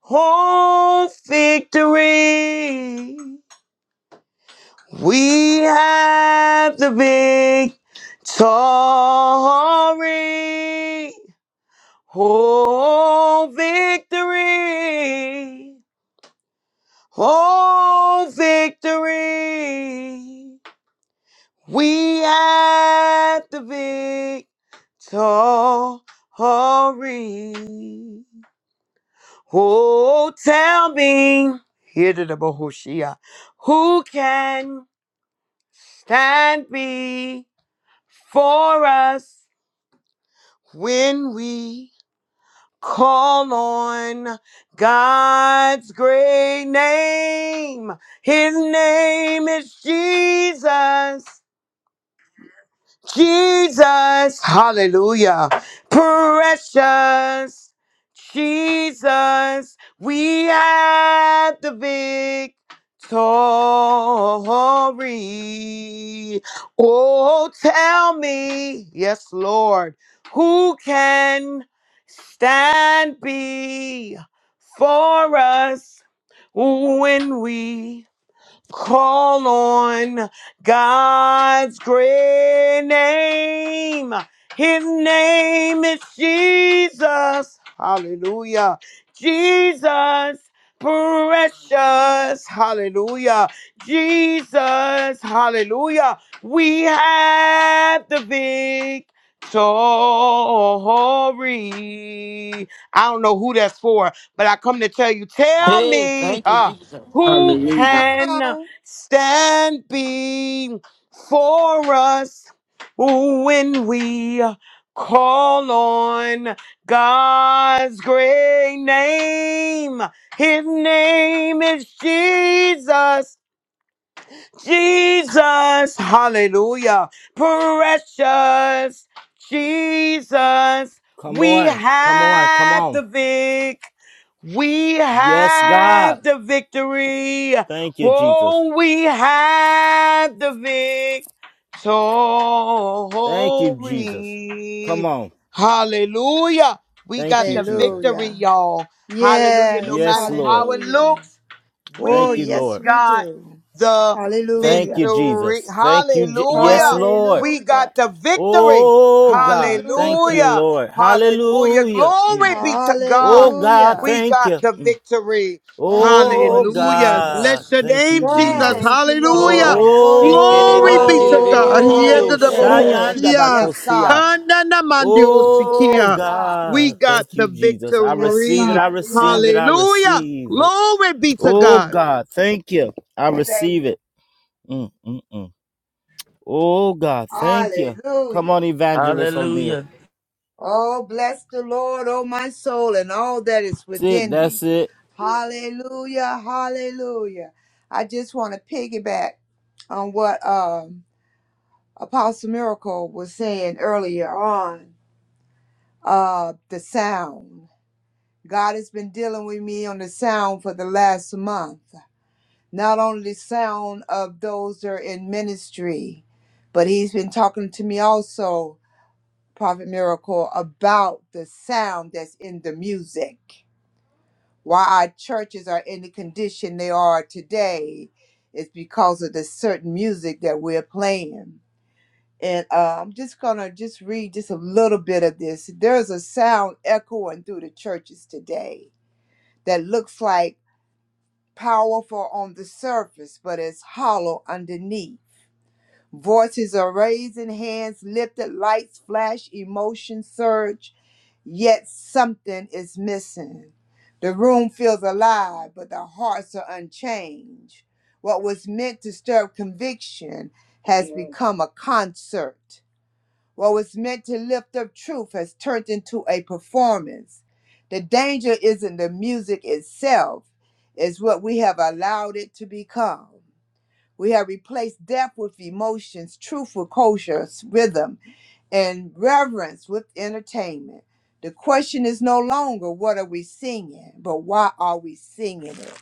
Speaker 4: Oh, victory! We have the victory. Oh, victory! Oh, victory! We have the victory. Oh, tell me, here to the Bohoshia, who can stand before us when we Call on God's great name. His name is Jesus. Jesus, hallelujah. Precious Jesus, we have the victory. Oh, tell me, yes, Lord, who can stand before us when we Call on God's great name. His name is Jesus. Hallelujah. Jesus, precious. Hallelujah. Jesus, hallelujah. We have the victory. I don't know who that's for, but I come to tell you, tell
Speaker 6: Hey,
Speaker 4: me,
Speaker 6: thank you,
Speaker 4: huh,
Speaker 6: Jesus.
Speaker 4: who
Speaker 5: Come
Speaker 4: can?
Speaker 5: on.
Speaker 4: stand before us when we call on God's great name. His name is Jesus. Jesus, hallelujah. Precious Jesus,
Speaker 1: Come
Speaker 4: we
Speaker 1: on. Come on. Come
Speaker 4: have
Speaker 1: on.
Speaker 4: the vic. We
Speaker 1: Yes, God.
Speaker 4: have the victory.
Speaker 1: Thank you, Jesus.
Speaker 4: Oh, we have the victory.
Speaker 1: Thank you, Jesus. Come on.
Speaker 4: Hallelujah. We
Speaker 1: Thank
Speaker 4: got
Speaker 1: you,
Speaker 4: the
Speaker 1: Jesus.
Speaker 4: victory,
Speaker 5: Hallelujah.
Speaker 4: y'all. Hallelujah. No
Speaker 5: Yes.
Speaker 1: Yes,
Speaker 4: matter
Speaker 1: Lord.
Speaker 4: how it
Speaker 5: Hallelujah.
Speaker 4: looks,
Speaker 5: Oh,
Speaker 1: Thank you,
Speaker 4: we
Speaker 5: yes,
Speaker 1: Lord.
Speaker 5: we
Speaker 4: got
Speaker 5: do.
Speaker 4: the
Speaker 1: Thank
Speaker 5: Hallelujah.
Speaker 1: you,
Speaker 4: victory.
Speaker 1: Jesus. Thank you. Je- yes,
Speaker 4: Hallelujah.
Speaker 1: Lord.
Speaker 4: We
Speaker 5: Hallelujah.
Speaker 4: got the victory.
Speaker 1: Oh, God. Thank
Speaker 5: Hallelujah.
Speaker 1: you,
Speaker 4: Hallelujah.
Speaker 1: Lord.
Speaker 4: Hallelujah.
Speaker 1: Hallelujah. Mm.
Speaker 4: Glory be to
Speaker 1: Oh,
Speaker 4: God.
Speaker 1: God.
Speaker 5: Hallelujah.
Speaker 4: We
Speaker 1: Thank
Speaker 4: got
Speaker 1: you.
Speaker 4: the
Speaker 1: Mm.
Speaker 4: victory.
Speaker 5: Thank you, Lord
Speaker 1: Oh,
Speaker 4: Hallelujah.
Speaker 5: Jesus.
Speaker 1: God.
Speaker 4: Bless your
Speaker 1: Thank
Speaker 4: name,
Speaker 1: you,
Speaker 4: Jesus.
Speaker 1: Jesus.
Speaker 5: Thank you,
Speaker 4: Hallelujah.
Speaker 6: Glory.
Speaker 5: Lord.
Speaker 6: Hallelujah.
Speaker 4: Glory be to
Speaker 5: Hallelujah.
Speaker 4: God.
Speaker 1: Oh,
Speaker 5: Hallelujah.
Speaker 1: Shayanda
Speaker 4: Yedadabohosia.
Speaker 5: Yes,
Speaker 1: Bakosia.
Speaker 5: God.
Speaker 1: Oh,
Speaker 5: Yes,
Speaker 4: Hananamandiosikia.
Speaker 5: God.
Speaker 4: We
Speaker 1: God.
Speaker 4: got
Speaker 1: Thank
Speaker 4: the
Speaker 1: you, Jesus. I
Speaker 5: Yes,
Speaker 1: receive it.
Speaker 4: victory.
Speaker 1: I
Speaker 5: God, we have
Speaker 1: receive it.
Speaker 5: the
Speaker 1: I
Speaker 4: Hallelujah.
Speaker 1: receive it.
Speaker 4: Glory be to
Speaker 1: Oh
Speaker 4: God.
Speaker 1: God, thank you. I
Speaker 5: victory,
Speaker 1: receive
Speaker 5: baby.
Speaker 1: it. Mm, mm, mm. Oh God, thank you. Come
Speaker 5: Hallelujah.
Speaker 1: on, Evangelist O'Neill.
Speaker 5: Oh, bless the Lord, oh my soul, and all that is
Speaker 1: That's it.
Speaker 5: within me.
Speaker 1: That's it.
Speaker 5: Hallelujah, hallelujah. I just want to piggyback on what um, Apostle Miracle was saying earlier on uh, the sound. God has been dealing with me on the sound for the last month. not only the sound of those that are in ministry, but he's been talking to me also, Prophet Miracle, about the sound that's in the music. Why our churches are in the condition they are today is because of the certain music that we're playing. And uh, I'm just gonna just read just a little bit of this. There's a sound echoing through the churches today that looks like powerful on the surface, but it's hollow underneath Voices are raising, hands lifted, lights flash, emotion surge, yet something is missing. The room feels alive, but the hearts are unchanged. What was meant to stir up conviction has Yes. become a concert. What was meant to lift up truth has turned into a performance. The danger isn't the music itself, it's what we have allowed it to become. We have replaced depth with emotions, truth with culture, rhythm, and reverence with entertainment. The question is no longer what are we singing, but why are we singing it?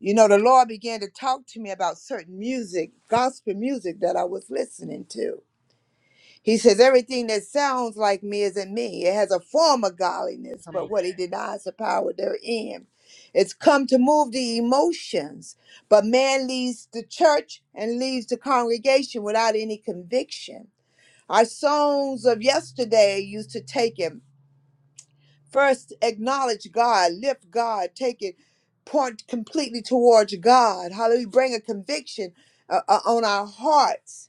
Speaker 5: You know, the Lord began to talk to me about certain music, gospel music that I was listening to. He says, Everything that sounds like me isn't me. It has a form of godliness, but what he denies the power therein. It's come to move the emotions, but man leaves the church and leaves the congregation without any conviction. Our songs of yesterday used to take him first acknowledge God, lift God, take it, point completely towards God. Hallelujah. Bring a conviction uh, uh, on our hearts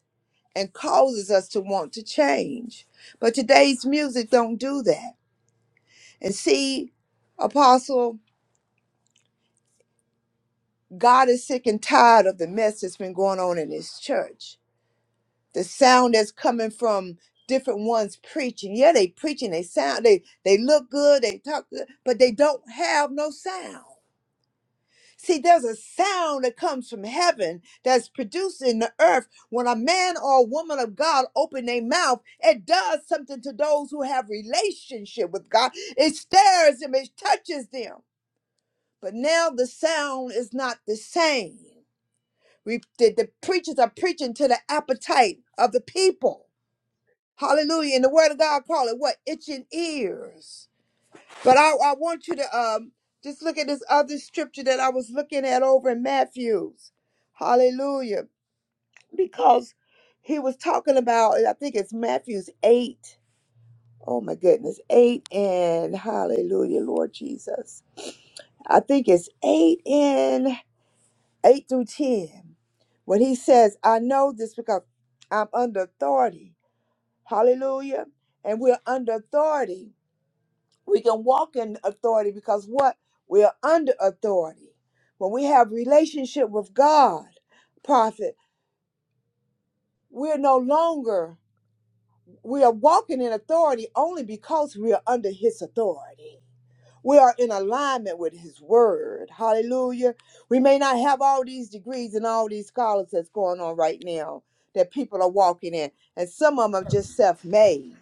Speaker 5: and causes us to want to change. But today's music don't do that. And see, Apostle, God is sick and tired of the mess that's been going on in his church. The sound that's coming from different ones preaching. Yeah, they preaching, they sound, they they look good, they talk good, but they don't have no sound. See, there's a sound that comes from heaven that's produced in the earth. When a man or a woman of God open their mouth, it does something to those who have relationship with God. It stirs them, it touches them. But now the sound is not the same. We, the, the preachers are preaching to the appetite of the people. Hallelujah. And the word of God call it what? Itching ears. But I, I want you to um just look at this other scripture that I was looking at over in Matthew's. Hallelujah. Because he was talking about, I think it's Matthew's 8. Oh my goodness, 8 and hallelujah, Lord Jesus. I think it's 8 and 8 through 10. When he says, I know this because I'm under authority. Hallelujah. And we're under authority we can walk in authority because what we are under authority when we have relationship with god prophet we're no longer we are walking in authority only because we are under his authority we are in alignment with his word hallelujah we may not have all these degrees and all these scholars that's going on right now that people are walking in and some of them are just self-made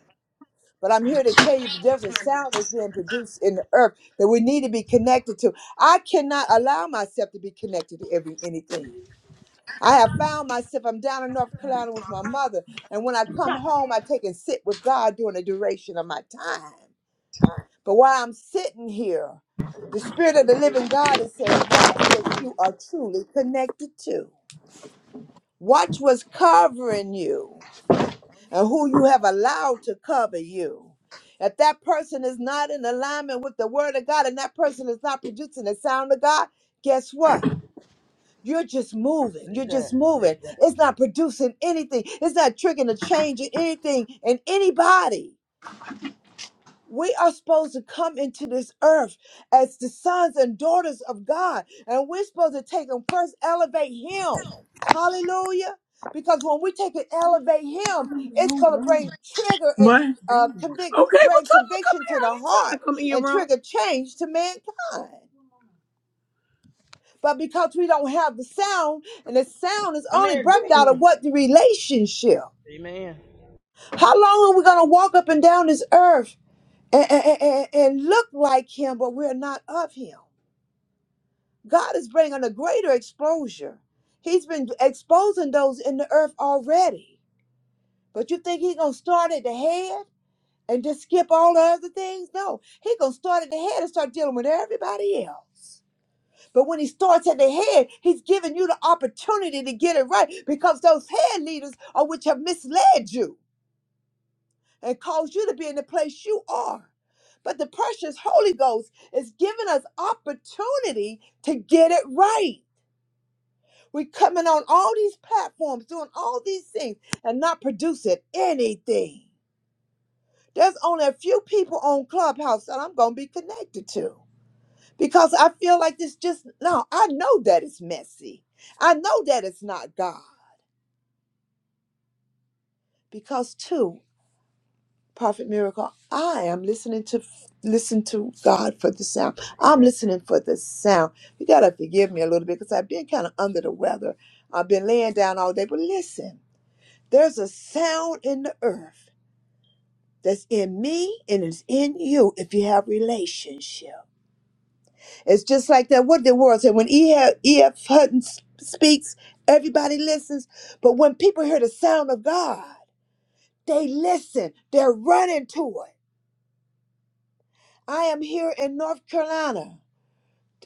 Speaker 5: but I'm here to tell you there's a sound that's being produced in the earth that we need to be connected to. I cannot allow myself to be connected to every anything. I have found myself, I'm down in North Carolina with my mother. And when I come home, I take and sit with God during the duration of my time. But while I'm sitting here, the Spirit of the Living God has said, Watch what you are truly connected to. Watch what's covering you and who you have allowed to cover you. If that person is not in alignment with the word of God and that person is not producing the sound of God, guess what? You're just moving.
Speaker 6: Say
Speaker 5: You're
Speaker 6: that.
Speaker 5: just moving.
Speaker 6: Say that.
Speaker 5: It's not producing anything. It's not triggering a change in anything in anybody. We are supposed to come into this earth as the sons and daughters of God. And we're supposed to take and first elevate Him. Hallelujah. Because when we take and elevate Him, it's going to bring trigger and uh, convict,
Speaker 4: Okay, well
Speaker 5: bring
Speaker 4: tell them to come
Speaker 5: conviction
Speaker 4: here.
Speaker 5: to
Speaker 4: I
Speaker 5: the
Speaker 4: didn't tell
Speaker 5: heart
Speaker 4: them to come in your
Speaker 5: and
Speaker 4: room.
Speaker 5: trigger change to mankind. But because we don't have the sound, and the sound is only birthed out of what? The relationship.
Speaker 6: Amen.
Speaker 5: How long are we going to walk up and down this earth? and, and, and- and look like him, but we're not of him. God is bringing a greater exposure. He's been exposing those in the earth already. But you think he's going to start at the head and just skip all the other things? No, he's going to start at the head and start dealing with everybody else. But when he starts at the head, he's giving you the opportunity to get it right because those head leaders are which have misled you. and cause you to be in the place you are. But the precious Holy Ghost is giving us opportunity to get it right. We're coming on all these platforms, doing all these things, and not producing anything. There's only a few people on Clubhouse that I'm going to be connected to because I feel like this just, no, I know that it's messy. I know that it's not God because, too. Prophet Miracle, I am listening to listen to God for the sound.
Speaker 6: Say
Speaker 5: I'm
Speaker 6: that.
Speaker 5: listening for the sound. You gotta forgive me a little bit because I've been kind of under the weather. I've been laying down all day. But listen, there's a sound in the earth that's in me and it's in you if you have relationship. It's just like that. What the world said when E. F. E. F. E.F. Hutton s- speaks, everybody listens. But when people hear the sound of God, they listen. They're running to it. I am here in North Carolina,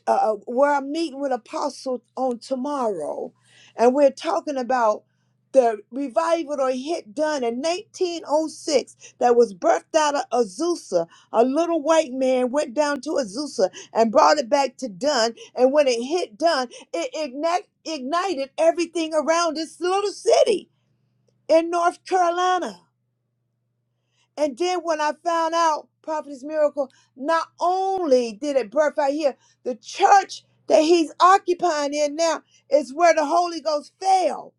Speaker 5: uh, uh, where I'm meeting with Apostle on tomorrow, and we're talking about the revival or hit done in 1906 that was birthed out of Azusa. A little white man went down to Azusa and brought it back to Dunn, and when it hit Dunn, it igni- ignited everything around this little city in North Carolina. And then when I found out Prophet's Miracle, not only did it birth out here, the church that he's occupying in now is where the Holy Ghost fell.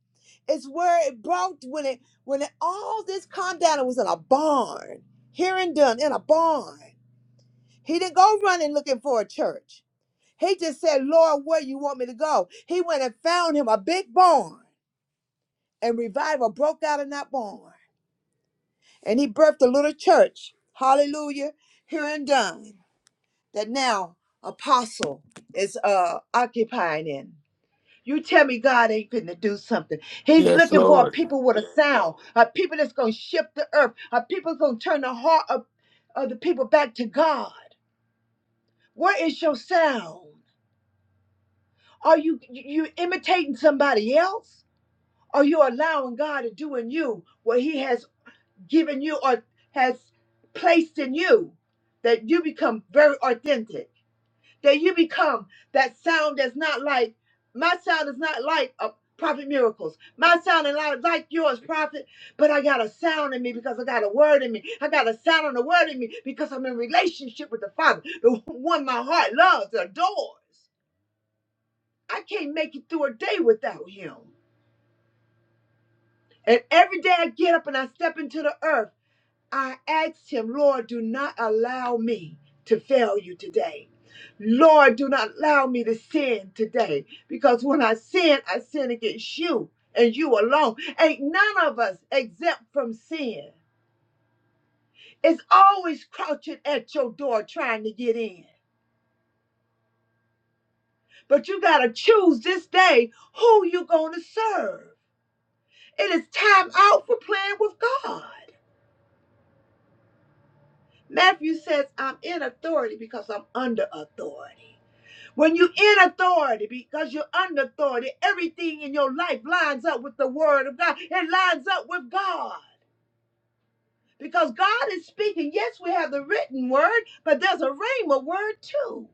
Speaker 5: It's where it brought when it when it, all this calmed down. It was in a barn, here and done in a barn. He didn't go running looking for a church. He just said, "Lord, where you want me to go?" He went and found him a big barn, and revival broke out in that barn. And he birthed a little church, hallelujah, here in Dunn, that now Apostle is uh, occupying in. You tell me God ain't finna do something. He's
Speaker 6: Yes,
Speaker 5: looking for a
Speaker 6: Lord.
Speaker 5: people with a sound, a people that's gonna shift the earth, a people that's gonna turn the heart of, of the people back to God. Where is your sound? Are you you you imitating somebody else? Are you allowing God to do in you what He has given you or has placed in you that you become very authentic that you become that sound that's not like my sound is not like a prophet miracles my sound is not like yours prophet but i got a sound in me because i got a word in me i got a sound and a word in me because i'm in relationship with the father the one my heart loves and adores i can't make it through a day without him and every day i get up and i step into the earth I asked him, Lord, do not allow me to fail you today. Lord, do not allow me to sin today because when I sin, I sin against you and you alone. Ain't none of us exempt from sin. It's always crouching at your door trying to get in. But you got to choose this day who you are going to serve. It is time out for playing with God. Matthew says, I'm in authority because I'm under authority. When you're in authority, because you're under authority, everything in your life lines up with the word of God. It lines up with God. Because God is speaking. Yes, we have the written word, but there's a rhema word too.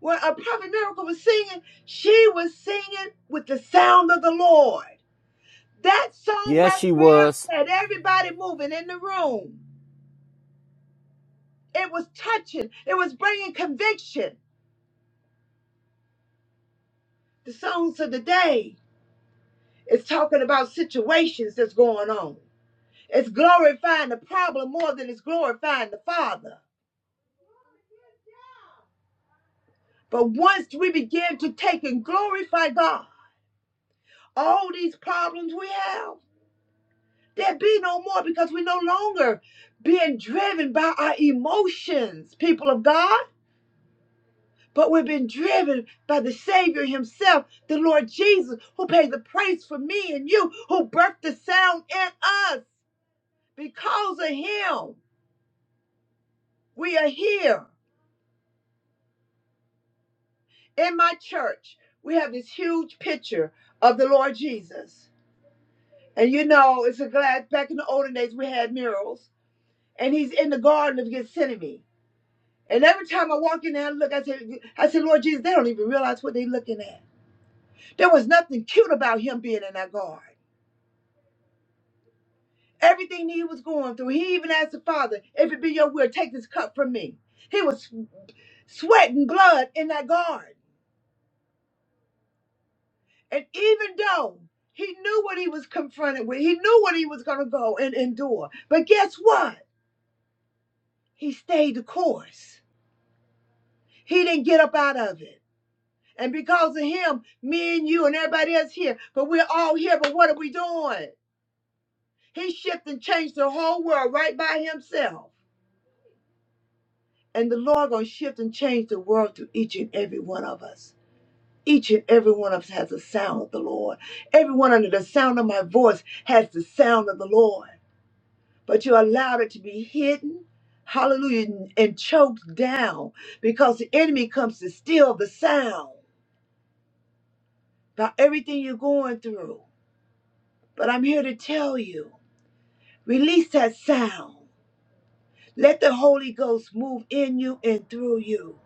Speaker 5: When a prophet miracle was singing, she was singing with the sound of the Lord. That song
Speaker 1: Yes,
Speaker 5: right
Speaker 1: she
Speaker 5: there
Speaker 1: was.
Speaker 5: had everybody moving in the room. It was touching, it was bringing conviction. The songs of the day is talking about situations that's going on. It's glorifying the problem more than it's glorifying the Father. But once we begin to take and glorify God, all these problems we have, there be no more because we're no longer being driven by our emotions, people of God. But we're being driven by the Savior Himself, the Lord Jesus, who paid the price for me and you, who birthed the sound in us. Because of Him, we are here. in my church, we have this huge picture of the Lord Jesus. And you know, it's a glass. Back in the olden days, we had murals. And he's in the Garden of Gethsemane. And every time I walk in there, I look, I said, I said, Lord Jesus, they don't even realize what they're looking at. There was nothing cute about him being in that garden. Everything he was going through, he even asked the Father, if it be your will, take this cup from me. He was sweating blood in that garden. And even though he knew what he was confronted with, he knew what he was going to go and endure. But guess what? He stayed the course. He didn't get up out of it. And because of him, me and you and everybody else here, but we're all here, but what are we doing? He shifted and changed the whole world right by himself. And the Lord gonna shift and change the world to each and every one of us. Each and every one of us has the sound of the Lord. Everyone under the sound of my voice has the sound of the Lord. but you allowed it to be hidden, hallelujah, and and choked down because the enemy comes to steal the sound about everything you're going through. But I'm here to tell you release that sound. Let the Holy Ghost move in you and through you.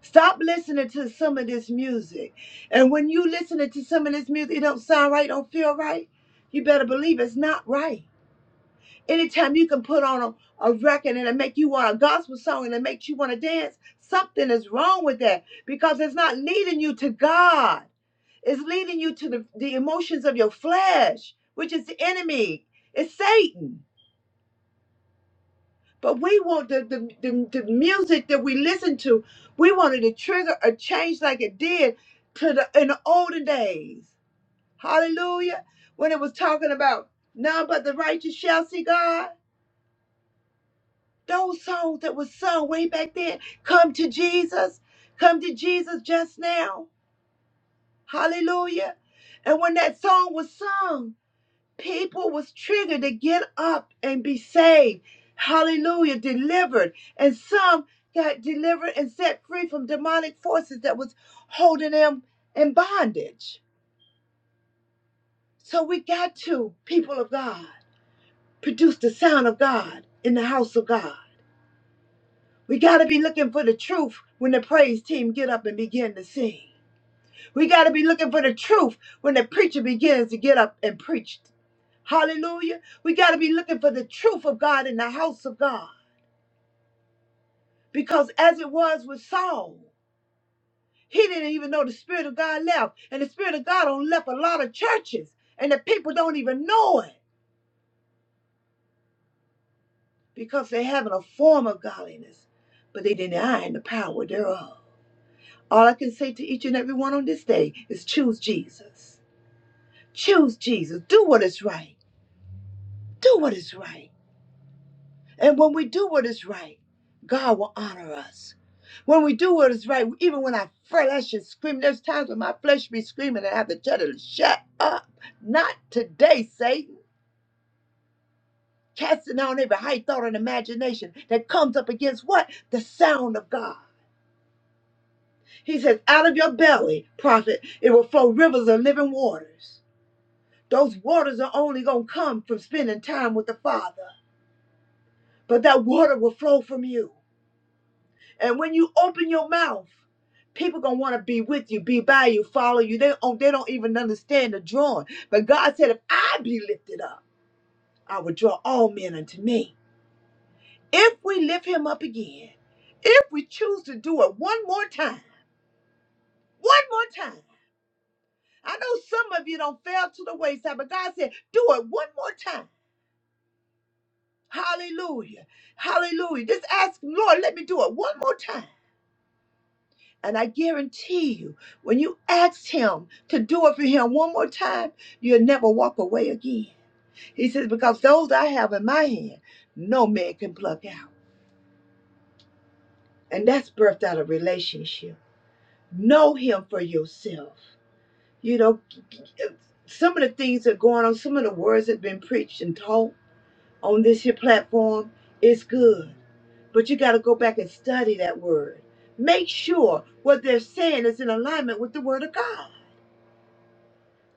Speaker 5: Stop listening to some of this music. And when you listening to some of this music, it don't sound right, don't feel right. You better believe it's not right Anytime you can put on a, a record and it make you want a gospel song and it makes you want to dance, something is wrong with that because it's not leading you to God. It's leading you to the, the emotions of your flesh, which is the enemy. It's Satan. But we want the, the, the, the music that we listen to, we wanted to trigger a change like it did to the in the olden days. Hallelujah. When it was talking about none but the righteous shall see God. Those songs that were sung way back then, come to Jesus, come to Jesus just now. Hallelujah. And when that song was sung, people was triggered to get up and be saved. Hallelujah, delivered. And some got delivered and set free from demonic forces that was holding them in bondage. So we got to, people of God, produce the sound of God in the house of God. We got to be looking for the truth when the praise team get up and begin to sing. We got to be looking for the truth when the preacher begins to get up and preach. Hallelujah. We got to be looking for the truth of God in the house of God. Because as it was with Saul, he didn't even know the Spirit of God left. And the Spirit of God don't left a lot of churches. And the people don't even know it because they're having a form of godliness, but they denying the power thereof. All I can say to each and every one on this day is choose Jesus. Choose Jesus. Do what is right. Do what is right. And when we do what is right, God will honor us. When we do what is right, even when our flesh is screaming, there's times when my flesh be screaming and I have to tell it, shut up. Not today, Satan. Casting down every high thought and imagination that comes up against what? The sound of God. He says, out of your belly, prophet, it will flow rivers of living waters. Those waters are only going to come from spending time with the Father. but that water will flow from you. And when you open your mouth, people gonna want to be with you, be by you, follow you. They oh, they don't even understand the drawing. But God said, if I be lifted up, I will draw all men unto me. If we lift him up again, if we choose to do it one more time, one more time. I know some of you don't fail to the wayside, but God said, do it one more time. Hallelujah. Hallelujah. Just ask, Lord, let me do it one more time. And I guarantee you, when you ask him to do it for him one more time, you'll never walk away again. He says, because those I have in my hand, no man can pluck out. And that's birthed out of relationship. Know him for yourself. You know, some of the things that are going on, some of the words that have been preached and taught on this here platform, it's good. But you got to go back and study that word. Make sure what they're saying is in alignment with the word of God.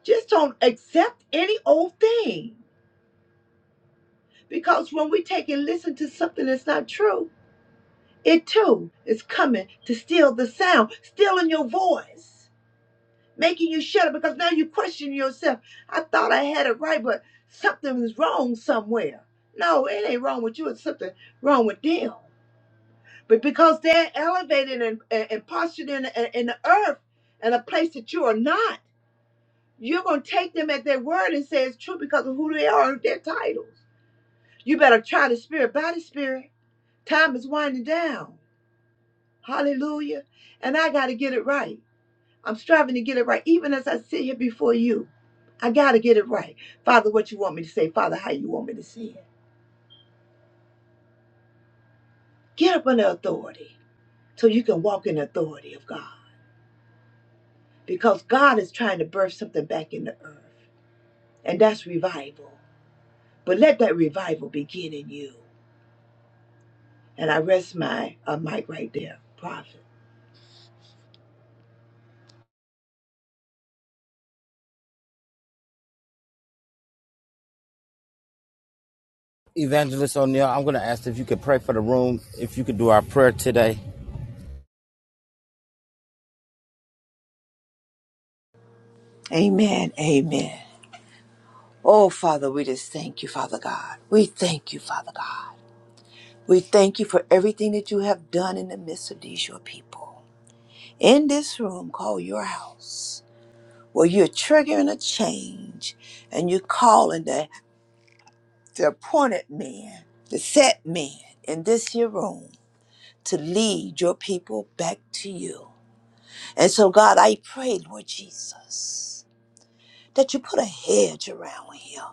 Speaker 5: Just don't accept any old thing. Because when we take and listen to something that's not true, it too is coming to steal the sound, stealing your voice, making you shut up because now you question yourself. I thought I had it right, but something is wrong somewhere. No, it ain't wrong with you, it's something wrong with them. But because they're elevated and, and, and postured in, the- in the earth and a place that you are not, you're going to take them at their word and say it's true because of who they are and their titles. You better try the spirit by the spirit. Time is winding down. Hallelujah. And I got to get it right. I'm striving to get it right. Even as I sit here before you, I got to get it right. Father, what you want me to say, Father, how you want me to say it. Get up under authority so you can walk in the authority of God. Because God is trying to birth something back in the earth. And that's revival. But let that revival begin in you. And I rest my uh, mic right there, prophet.
Speaker 1: Evangelist O'Neill, I'm going to ask if you could pray for the room, if you could do our prayer today.
Speaker 5: Amen. Amen. Oh, Father, we just thank you, Father God. We thank you, Father God. We thank you for everything that you have done in the midst of these, your people. In this room called your house, where you're triggering a change and you're calling the, the appointed man, the set man in this here room to lead your people back to you. And so, God, I pray, Lord Jesus, that you put a hedge around him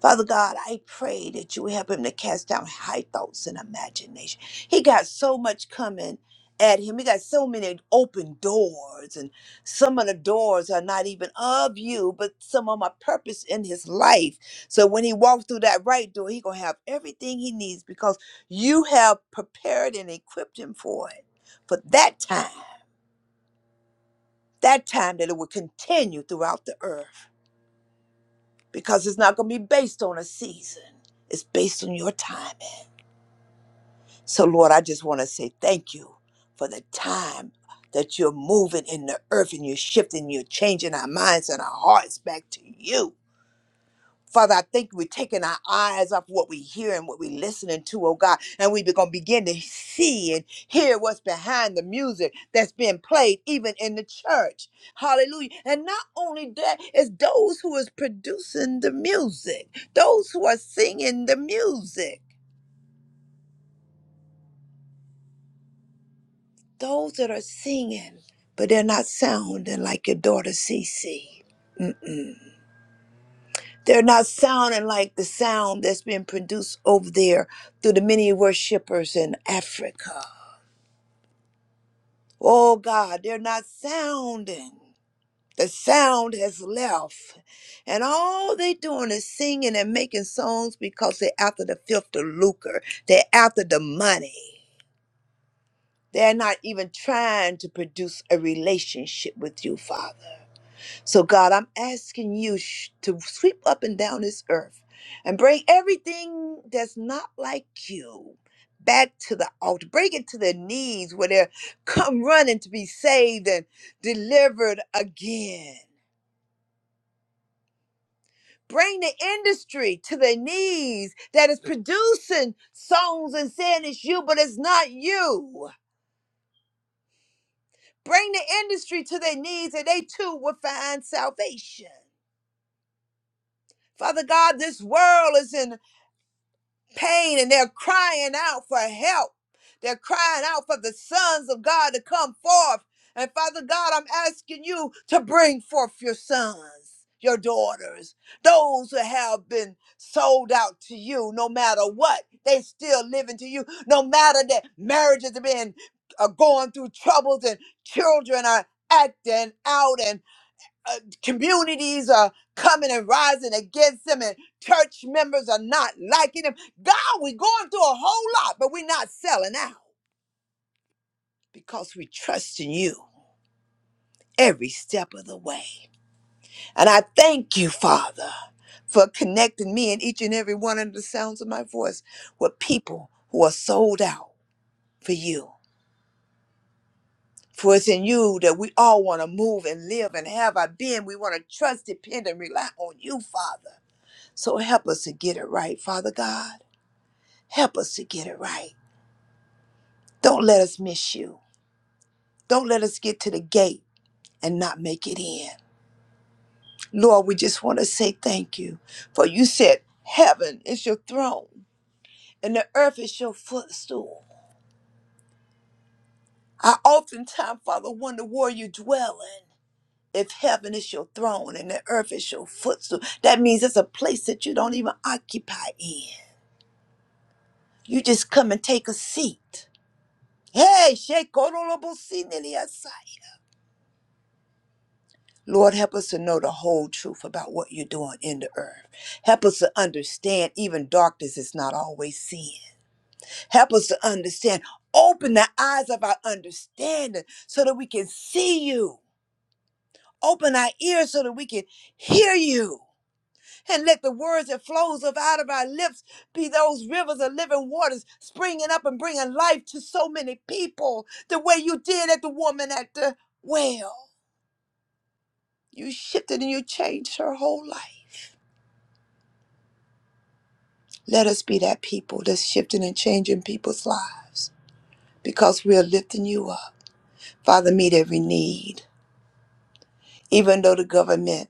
Speaker 5: Father God, I pray that you would help him to cast down high thoughts and imagination. He got so much coming at him. He got so many open doors, and some of the doors are not even of you, but some of my purpose in his life. So when he walks through that right door, he gonna have everything he needs because you have prepared and equipped him for it. For that time, that time that it will continue throughout the earth. Because it's not gonna be based on a season. It's based on your time So, Lord, I just want to say thank you for the time that you're moving in the earth and you're shifting, you're changing our minds and our hearts back to you. Father, I think we're taking our eyes off what we hear and what we're listening to, oh God, and we're going to begin to see and hear what's behind the music that's being played even in the church. Hallelujah. And not only that, it's those who is producing the music, those who are singing the music. Those that are singing, but they're not sounding like your daughter Cece. Mm. They're not sounding like the sound that's been produced over there through the many worshipers in Africa. Oh God, they're not sounding. The sound has left. And all they doing is singing and making songs because they're after the filth, the lucre. They're after the money. They're not even trying to produce a relationship with you, Father. So, God, I'm asking you sh- to sweep up and down this earth and bring everything that's not like you back to the altar. Bring it to their knees where they come running to be saved and delivered again. Bring the industry to their knees that is producing songs and saying it's you, but it's not you. Bring the industry to their knees and they too will find salvation. Father God, this world is in pain and they're crying out for help. They're crying out for the sons of God to come forth. And Father God, I'm asking you to bring forth your sons, your daughters, those who have been sold out to you no matter what. They still living to you, no matter that marriages have been are going through troubles and children are acting out and uh, communities are coming and rising against him, and church members are not liking him. God, we're going through a whole lot, but we're not selling out because we trust in you every step of the way. And I thank you, Father, for connecting me and each and every one of the sounds of my voice with people who are sold out for you. For it's in you that we all want to move and live and have our being. We want to trust, depend, and rely on you, Father. So help us to get it right, Father God. Help us to get it right. Don't let us miss you. Don't let us get to the gate and not make it in. Lord, we just want to say thank you. For you said, Heaven is your throne and the earth is your footstool. I oftentimes, Father, wonder where you dwell in. If heaven is your throne and the earth is your footstool, that means it's a place that you don't even occupy in. You just come and take a seat. Hey, Shekorobosiniasa. Lord, help us to know the whole truth about what you're doing in the earth. Help us to understand even darkness is not always sin. Help us to understand. Open the eyes of our understanding so that we can see you. Open our ears so that we can hear you. And let the words that flows up out of our lips be those rivers of living waters springing up and bringing life to so many people the way you did at the woman at the well. You shifted and you changed her whole life. Let us be that people that's shifting and changing people's lives because we are lifting you up. Father, meet every need. Even though the government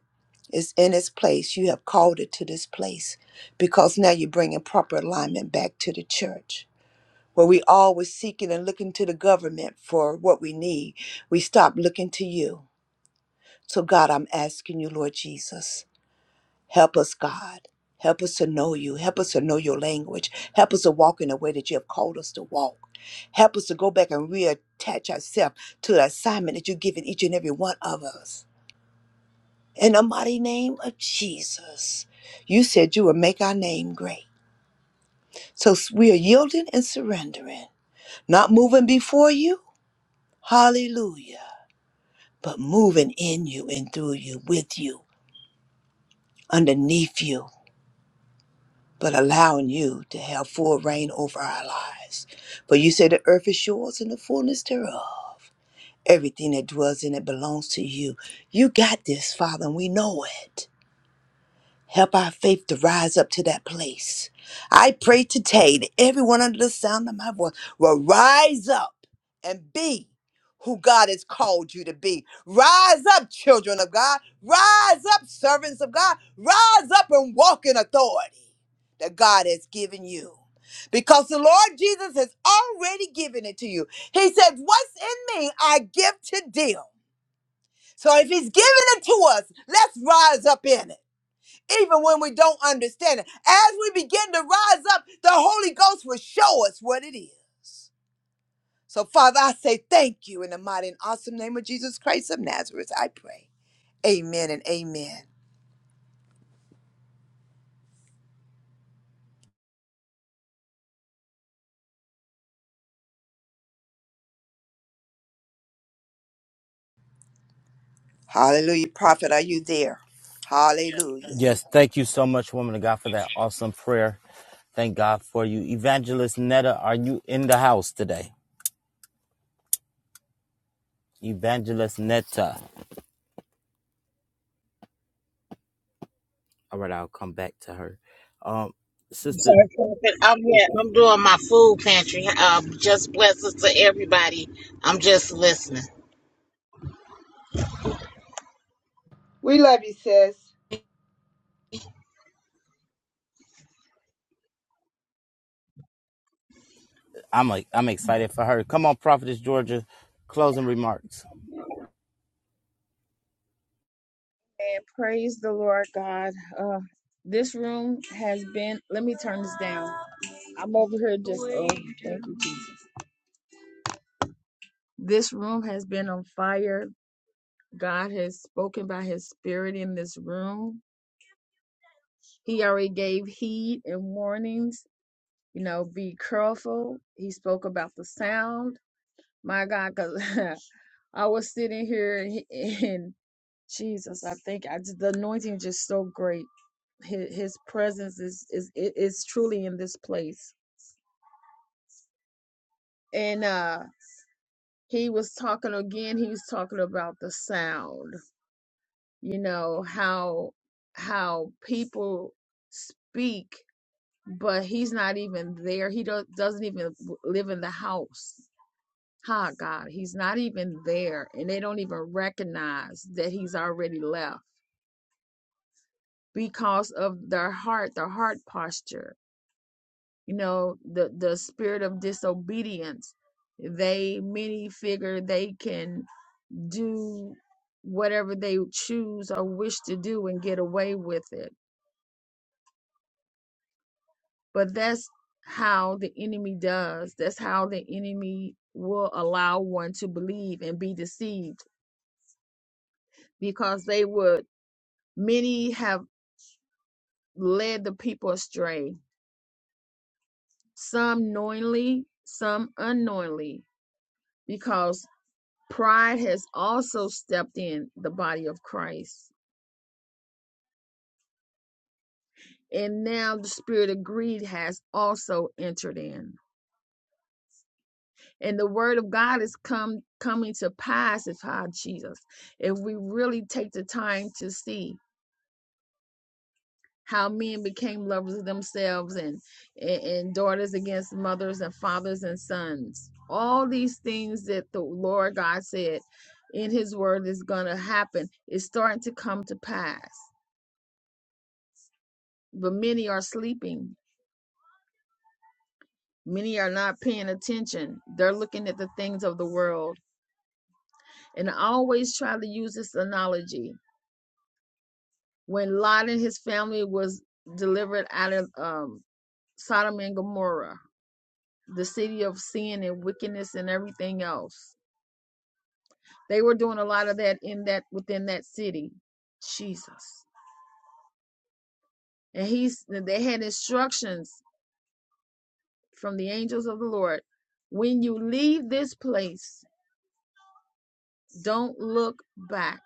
Speaker 5: is in its place, you have called it to this place because now you're bringing proper alignment back to the church. Where we always seeking and looking to the government for what we need, we stop looking to you. So, God, I'm asking you, Lord Jesus. Help us, God. Help us to know you. Help us to know your language. Help us to walk in the way that you have called us to walk. Help us to go back and reattach ourselves to the assignment that you've given each and every one of us. In the mighty name of Jesus, you said you would make our name great. So we are yielding and surrendering, not moving before you. Hallelujah. But moving in you and through you, with you, underneath you. but allowing you to have full reign over our lives. For you say the earth is yours and the fullness thereof. Everything that dwells in it belongs to you. You got this, Father, and we know it. Help our faith to rise up to that place. I pray today that everyone under the sound of my voice will rise up and be who God has called you to be. Rise up, children of God. Rise up, servants of God. Rise up and walk in authority that God has given you. Because the Lord Jesus has already given it to you. He said, What's in me, I give to them. So if He's given it to us, let's rise up in it even when we don't understand it. As we begin to rise up, the Holy Ghost will show us what it is. So, Father, I say thank you in the mighty and awesome name of Jesus Christ of Nazareth. I pray. Amen and amen. Hallelujah. Prophet, are you there? Hallelujah.
Speaker 1: Yes, thank you so much, woman of God, for that awesome prayer. Thank God for you. Evangelist Netta, are you in the house today? Evangelist Netta. All right, I'll come back to her. Um, sister
Speaker 7: Sorry, Prophet. I'm here. I'm doing my food pantry. Um, just blessings to everybody. I'm just listening.
Speaker 5: We love you, sis.
Speaker 1: I'm like I'm excited for her. Come on, Prophetess Georgia, closing remarks.
Speaker 3: And praise the Lord God. Uh, this room has been, let me turn this down. I'm over here just, oh, thank you, Jesus. This room has been on fire God has spoken by his spirit in this room. He already gave heed and warnings, you know, be careful. He spoke about the sound. My God, because I was sitting here and, he- and Jesus, I think I, just- the anointing is just so great. His, his presence is, is, i- is truly in this place. And, uh, he was talking again, he was talking about the sound, you know, how, how people speak but he's not even there. He do- doesn't even live in the house. Ha, God, he's not even there. And they don't even recognize that he's already left because of their heart, their heart posture, you know, the, the spirit of disobedience. They, many figure they can do whatever they choose or wish to do and get away with it But that's how the enemy does. That's how the enemy will allow one to believe and be deceived because they would, many have led the people astray, some knowingly, some unknowingly, because pride has also stepped in the body of Christ. And now the spirit of greed has also entered in. and the word of God is come coming to pass if how Jesus, if we really take the time to see how men became lovers of themselves and, and and daughters against mothers and fathers and sons. All these things that the Lord God said in his word is gonna happen is starting to come to pass. But many are sleeping. Many are not paying attention. They're looking at the things of the world. And I always try to use this analogy when Lot and his family was delivered out of um, Sodom and Gomorrah, the city of sin and wickedness and everything else. They were doing a lot of that in that within that city. Jesus. And he's they had instructions from the angels of the Lord. When you leave this place, don't look back.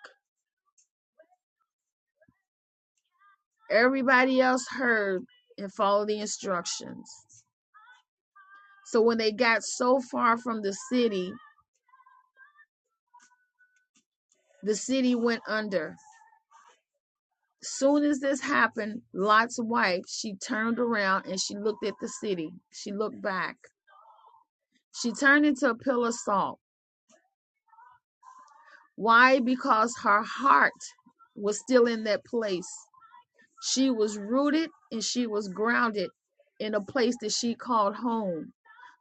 Speaker 3: Everybody else heard and followed the instructions. So when they got so far from the city, the city went under Soon as this happened, Lot's wife, she turned around and she looked at the city. She looked back. She turned into a pillar of salt. Why? Because her heart was still in that place. She was rooted and she was grounded in a place that she called home,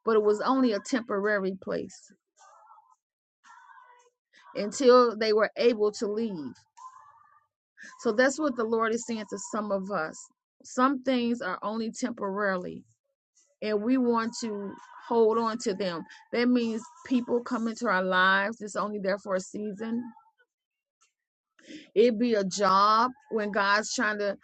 Speaker 3: but it was only a temporary place until they were able to leave. So that's what the Lord is saying to some of us. Some things are only temporarily and we want to hold on to them. That means people come into our lives. It's only there for a season. It be a job when God's trying to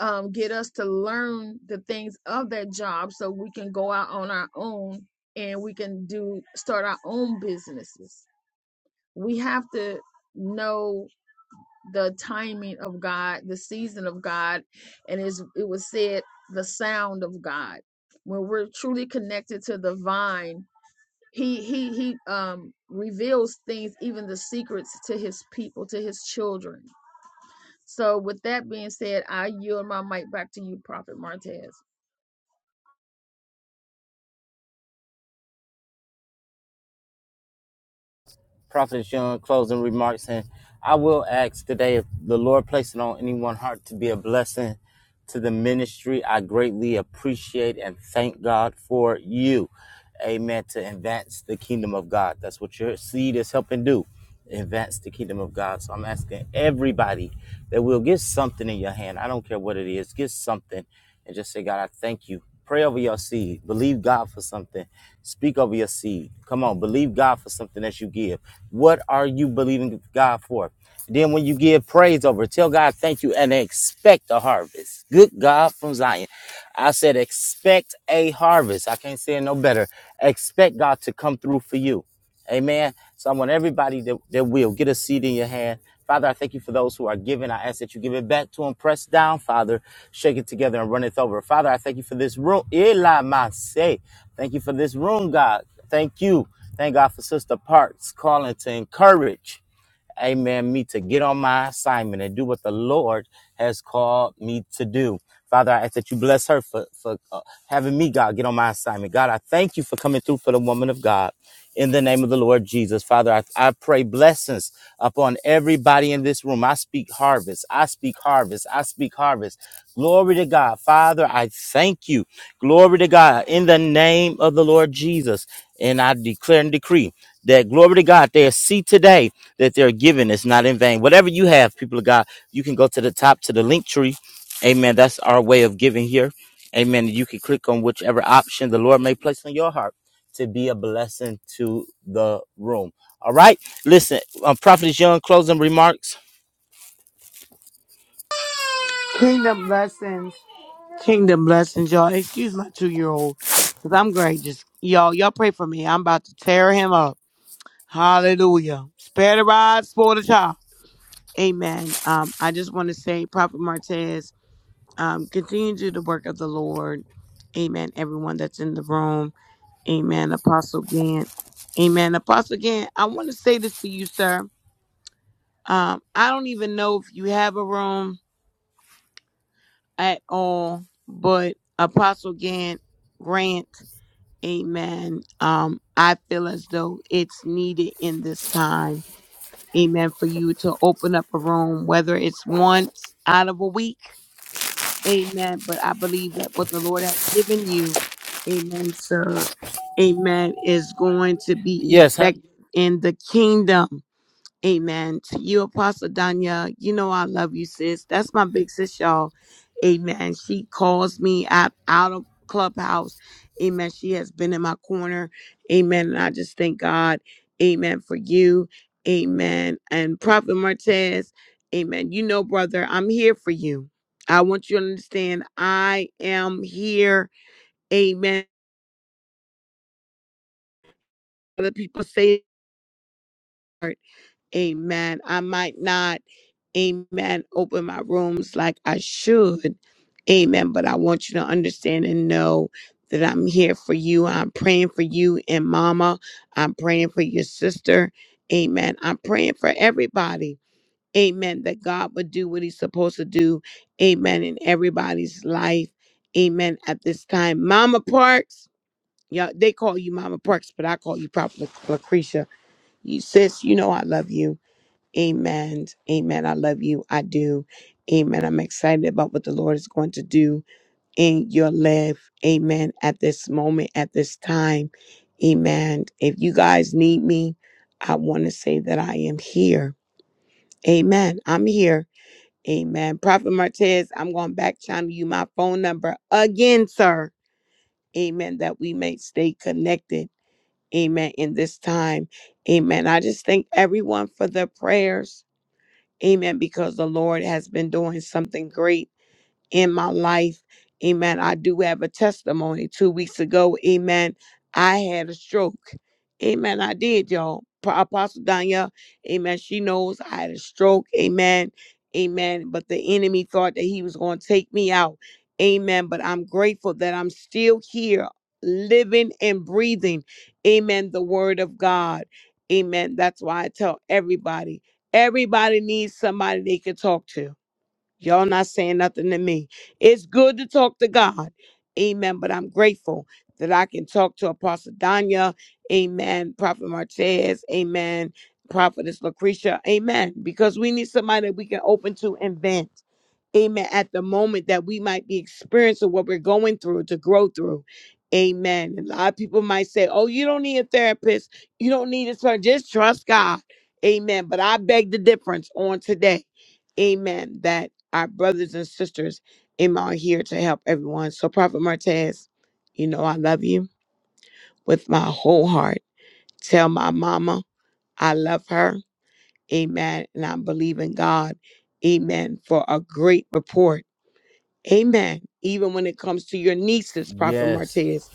Speaker 3: um, get us to learn the things of that job so we can go out on our own and we can do start our own businesses. We have to know the timing of God, the season of God, and it's, it was said the sound of God. When we're truly connected to the vine, he he he um reveals things even the secrets to his people to his children so with that being said i yield my mic back to you prophet martez
Speaker 1: Prophetess Young, closing remarks, and I will ask today if the Lord place it on anyone's heart to be a blessing to the ministry. I greatly appreciate and thank God for you. amen, to advance the kingdom of God. That's what your seed is helping do, advance the kingdom of God. So I'm asking everybody that will get something in your hand. I don't care what it is, get something and just say, God, I thank you. Pray over your seed. Believe God for something. Speak over your seed. Come on, believe God for something that you give. What are you believing God for? Then when you give praise over, it, tell God thank you and expect a harvest. Good God from Zion. I said expect a harvest. I can't say it no better. Expect God to come through for you. Amen. So I want everybody that, that will get a seed in your hand. Father, I thank you for those who are giving. I ask that you give it back to them. Press down, Father. Shake it together and run it over. Father, I thank you for this room. Eli Masay. Thank you for this room, God. Thank you. Thank God for Sister Parks calling to encourage amen, me to get on my assignment and do what the Lord has called me to do. Father, I ask that you bless her for, for uh, having me, God, get on my assignment. God, I thank you for coming through for the woman of God. In the name of the Lord Jesus, Father, I, I pray blessings upon everybody in this room. I speak harvest. I speak harvest. I speak harvest. Glory to God. Father, I thank you. Glory to God. In the name of the Lord Jesus. And I declare and decree that glory to God, they see today that they're giving. It's not in vain. Whatever you have, people of God, you can go to the top to the link tree. Amen. That's our way of giving here. Amen. You can click on whichever option the Lord may place on your heart to be a blessing to the room. All right. Listen, um, Prophet Young, closing remarks.
Speaker 4: Kingdom blessings. Kingdom blessings, y'all. Excuse my two year old. Cause I'm great. Just y'all, y'all pray for me. I'm about to tear him up. Hallelujah. Spare the rod, spoil the child. Amen. Um, I just want to say, Prophet Martez, um, continue to do the work of the Lord. Amen. Everyone that's in the room. Amen. Apostle Gant. Amen. Apostle Gant, I want to say this to you, sir. Um, I don't even know if you have a room. at all, but Apostle Gant Grant, Amen. Um, I feel as though it's needed in this time, Amen, for you to open up a room, whether it's once out of a week, Amen. But I believe that what the Lord has given you, Amen, sir, Amen, is going to be
Speaker 1: Yes. huh?
Speaker 4: effective in the kingdom. Amen. To you, Apostle Danya, you know I love you, sis. That's my big sis, y'all. Amen. She calls me out, out of Clubhouse. Amen. She has been in my corner. Amen. And I just thank God. Amen for you. Amen. And Prophet Martez, amen. You know, brother, I'm here for you. I want you to understand I am here. Amen. Other people say it. Amen. I might not, amen, open my rooms like I should. Amen. But I want you to understand and know that I'm here for you. I'm praying for you and mama. I'm praying for your sister. Amen. I'm praying for everybody. Amen. That God would do what he's supposed to do. Amen. In everybody's life. Amen. At this time, Mama Parks. Yeah, they call you Mama Parks, but I call you Prophet Lucretia. You sis, you know I love you. Amen. Amen. I love you. I do. Amen. I'm excited about what the Lord is going to do in your life. Amen. At this moment, at this time. Amen. If you guys need me, I want to say that I am here. Amen. I'm here. Amen. Prophet Martez, I'm going back channel you my phone number again, sir. Amen. That we may stay connected. Amen. In this time. Amen. I just thank everyone for their prayers. Amen. Because the Lord has been doing something great in my life. Amen. I do have a testimony. Two weeks ago, amen, I had a stroke. Amen. I did, y'all. Pro- Apostle Danya, amen. She knows I had a stroke. Amen. Amen. But the enemy thought that he was going to take me out. Amen. But I'm grateful that I'm still here, living and breathing. Amen. The word of God. Amen. That's why I tell everybody everybody needs somebody they can talk to. Y'all not saying nothing to me. It's good to talk to God. Amen. But I'm grateful that I can talk to Apostle Danya. Amen. Prophet Martez. Amen. Prophetess Lucretia. Amen. Because we need somebody that we can open to and vent amen, at the moment that we might be experiencing what we're going through to grow through. Amen. A lot of people might say, oh, you don't need a therapist. You don't need a person. Just trust God. Amen. But I beg the difference on today. Amen. That our brothers and sisters amen, are here to help everyone. So, Prophet Martez, you know I love you with my whole heart. Tell my mama I love her. Amen. And I believe in God. Amen. For a great report Amen. Even when it comes to your nieces, Prophet
Speaker 1: Yes.
Speaker 4: Martez,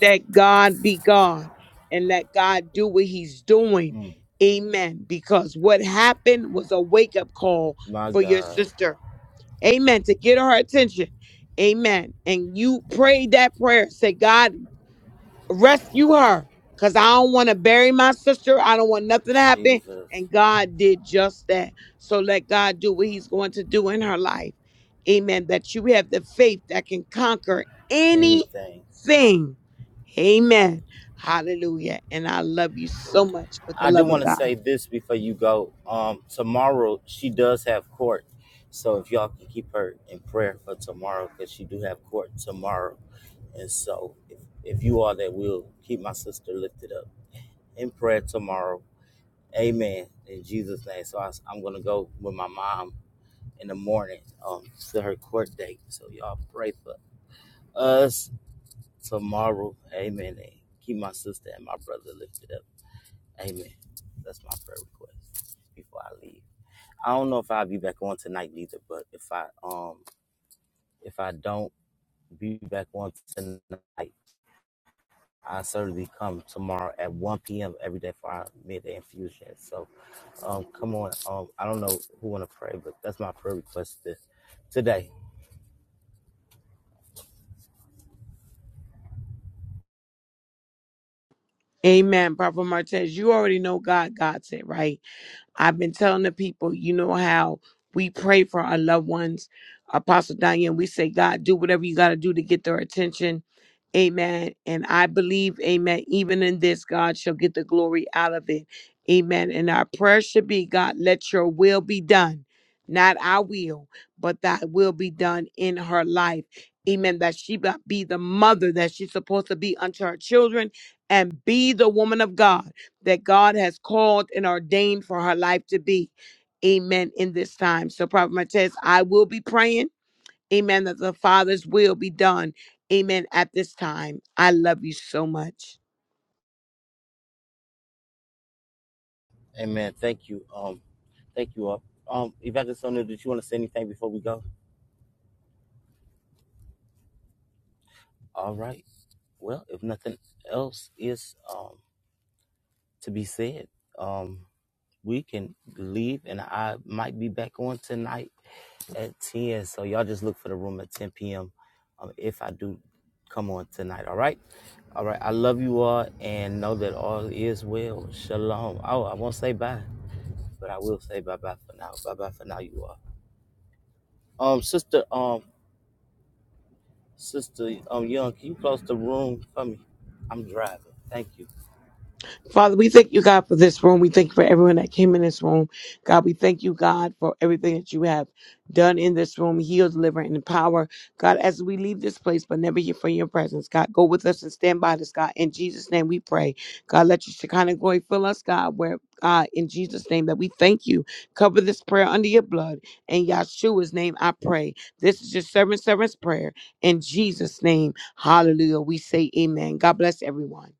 Speaker 4: let God be God and let God do what he's doing. Amen. Because what happened was a wake up call
Speaker 1: My
Speaker 4: for your
Speaker 1: God.
Speaker 4: sister. Amen. To get her attention. Amen. And you prayed that prayer. Say, God, rescue her because I don't want to bury my sister. I don't want nothing to happen.
Speaker 1: Jesus.
Speaker 4: And God did just that. So let God do what He's going to do in her life. Amen. That you have the faith that can conquer
Speaker 1: Anything.
Speaker 4: anything. Amen. Hallelujah. And I love you so much with the
Speaker 1: I do
Speaker 4: love of
Speaker 1: want to
Speaker 4: God.
Speaker 1: say this before you go. Um, tomorrow she does have court, so if y'all can keep her in prayer for tomorrow, because she do have court tomorrow. And so, if, if you are that will keep my sister lifted up in prayer tomorrow. Amen. In Jesus' name. So I, am gonna go with my mom in the morning um, to her court date. So y'all pray for us tomorrow. Amen. And keep my sister and my brother lifted up. Amen. That's my prayer request before I leave. I don't know if I'll be back on tonight either, but if I um if I don't be back on tonight, I certainly come tomorrow at one p.m. every day for our midday infusion. So, um, come on. Um, I don't know who want to pray, but that's my prayer request this today.
Speaker 4: Amen. Prophet Martez, you already know God, God said, right? I've been telling the people, you know how we pray for our loved ones. Apostle Diane, we say, God, do whatever you got to do to get their attention. Amen. And I believe, amen, even in this, God shall get the glory out of it. Amen. And our prayer should be, God, let your will be done. Not our will, but thy will be done in her life. Amen. That she be be the mother that she's supposed to be unto her children and be the woman of God that God has called and ordained for her life to be. Amen. In this time. So, Prophet Martez, I will be praying. Amen. That the Father's will be done. Amen. At this time. I love you so much.
Speaker 1: Amen. Thank you. Um, thank you all. Um, Evangelist Sonia, did you want to say anything before we go? All right. Well, if nothing else is um to be said, um. we can leave, and I might be back on tonight at 10. So y'all just look for the room at 10 p.m. Um, if I do come on tonight, all right? All right. I love you all and know that all is well. Shalom. Oh, I won't say bye, but I will say bye bye for now. Bye bye for now, you all. Um, sister, um, sister, um, young, can you close the room for me? I'm driving. Thank you.
Speaker 4: Father, we thank you, God, for this room. We thank you for everyone that came in this room. God, we thank you, God, for everything that you have done in this room. Heal, deliver, and empower. God, as we leave this place, but never here from your presence. God, go with us and stand by us, God. In Jesus' name we pray. God, let your Shekinah glory fill us, God, where God, in Jesus' name, that we thank you. Cover this prayer under your blood. In Yahshua's name, I pray. This is your servant, servant's prayer. In Jesus' name, hallelujah. We say amen. God bless everyone.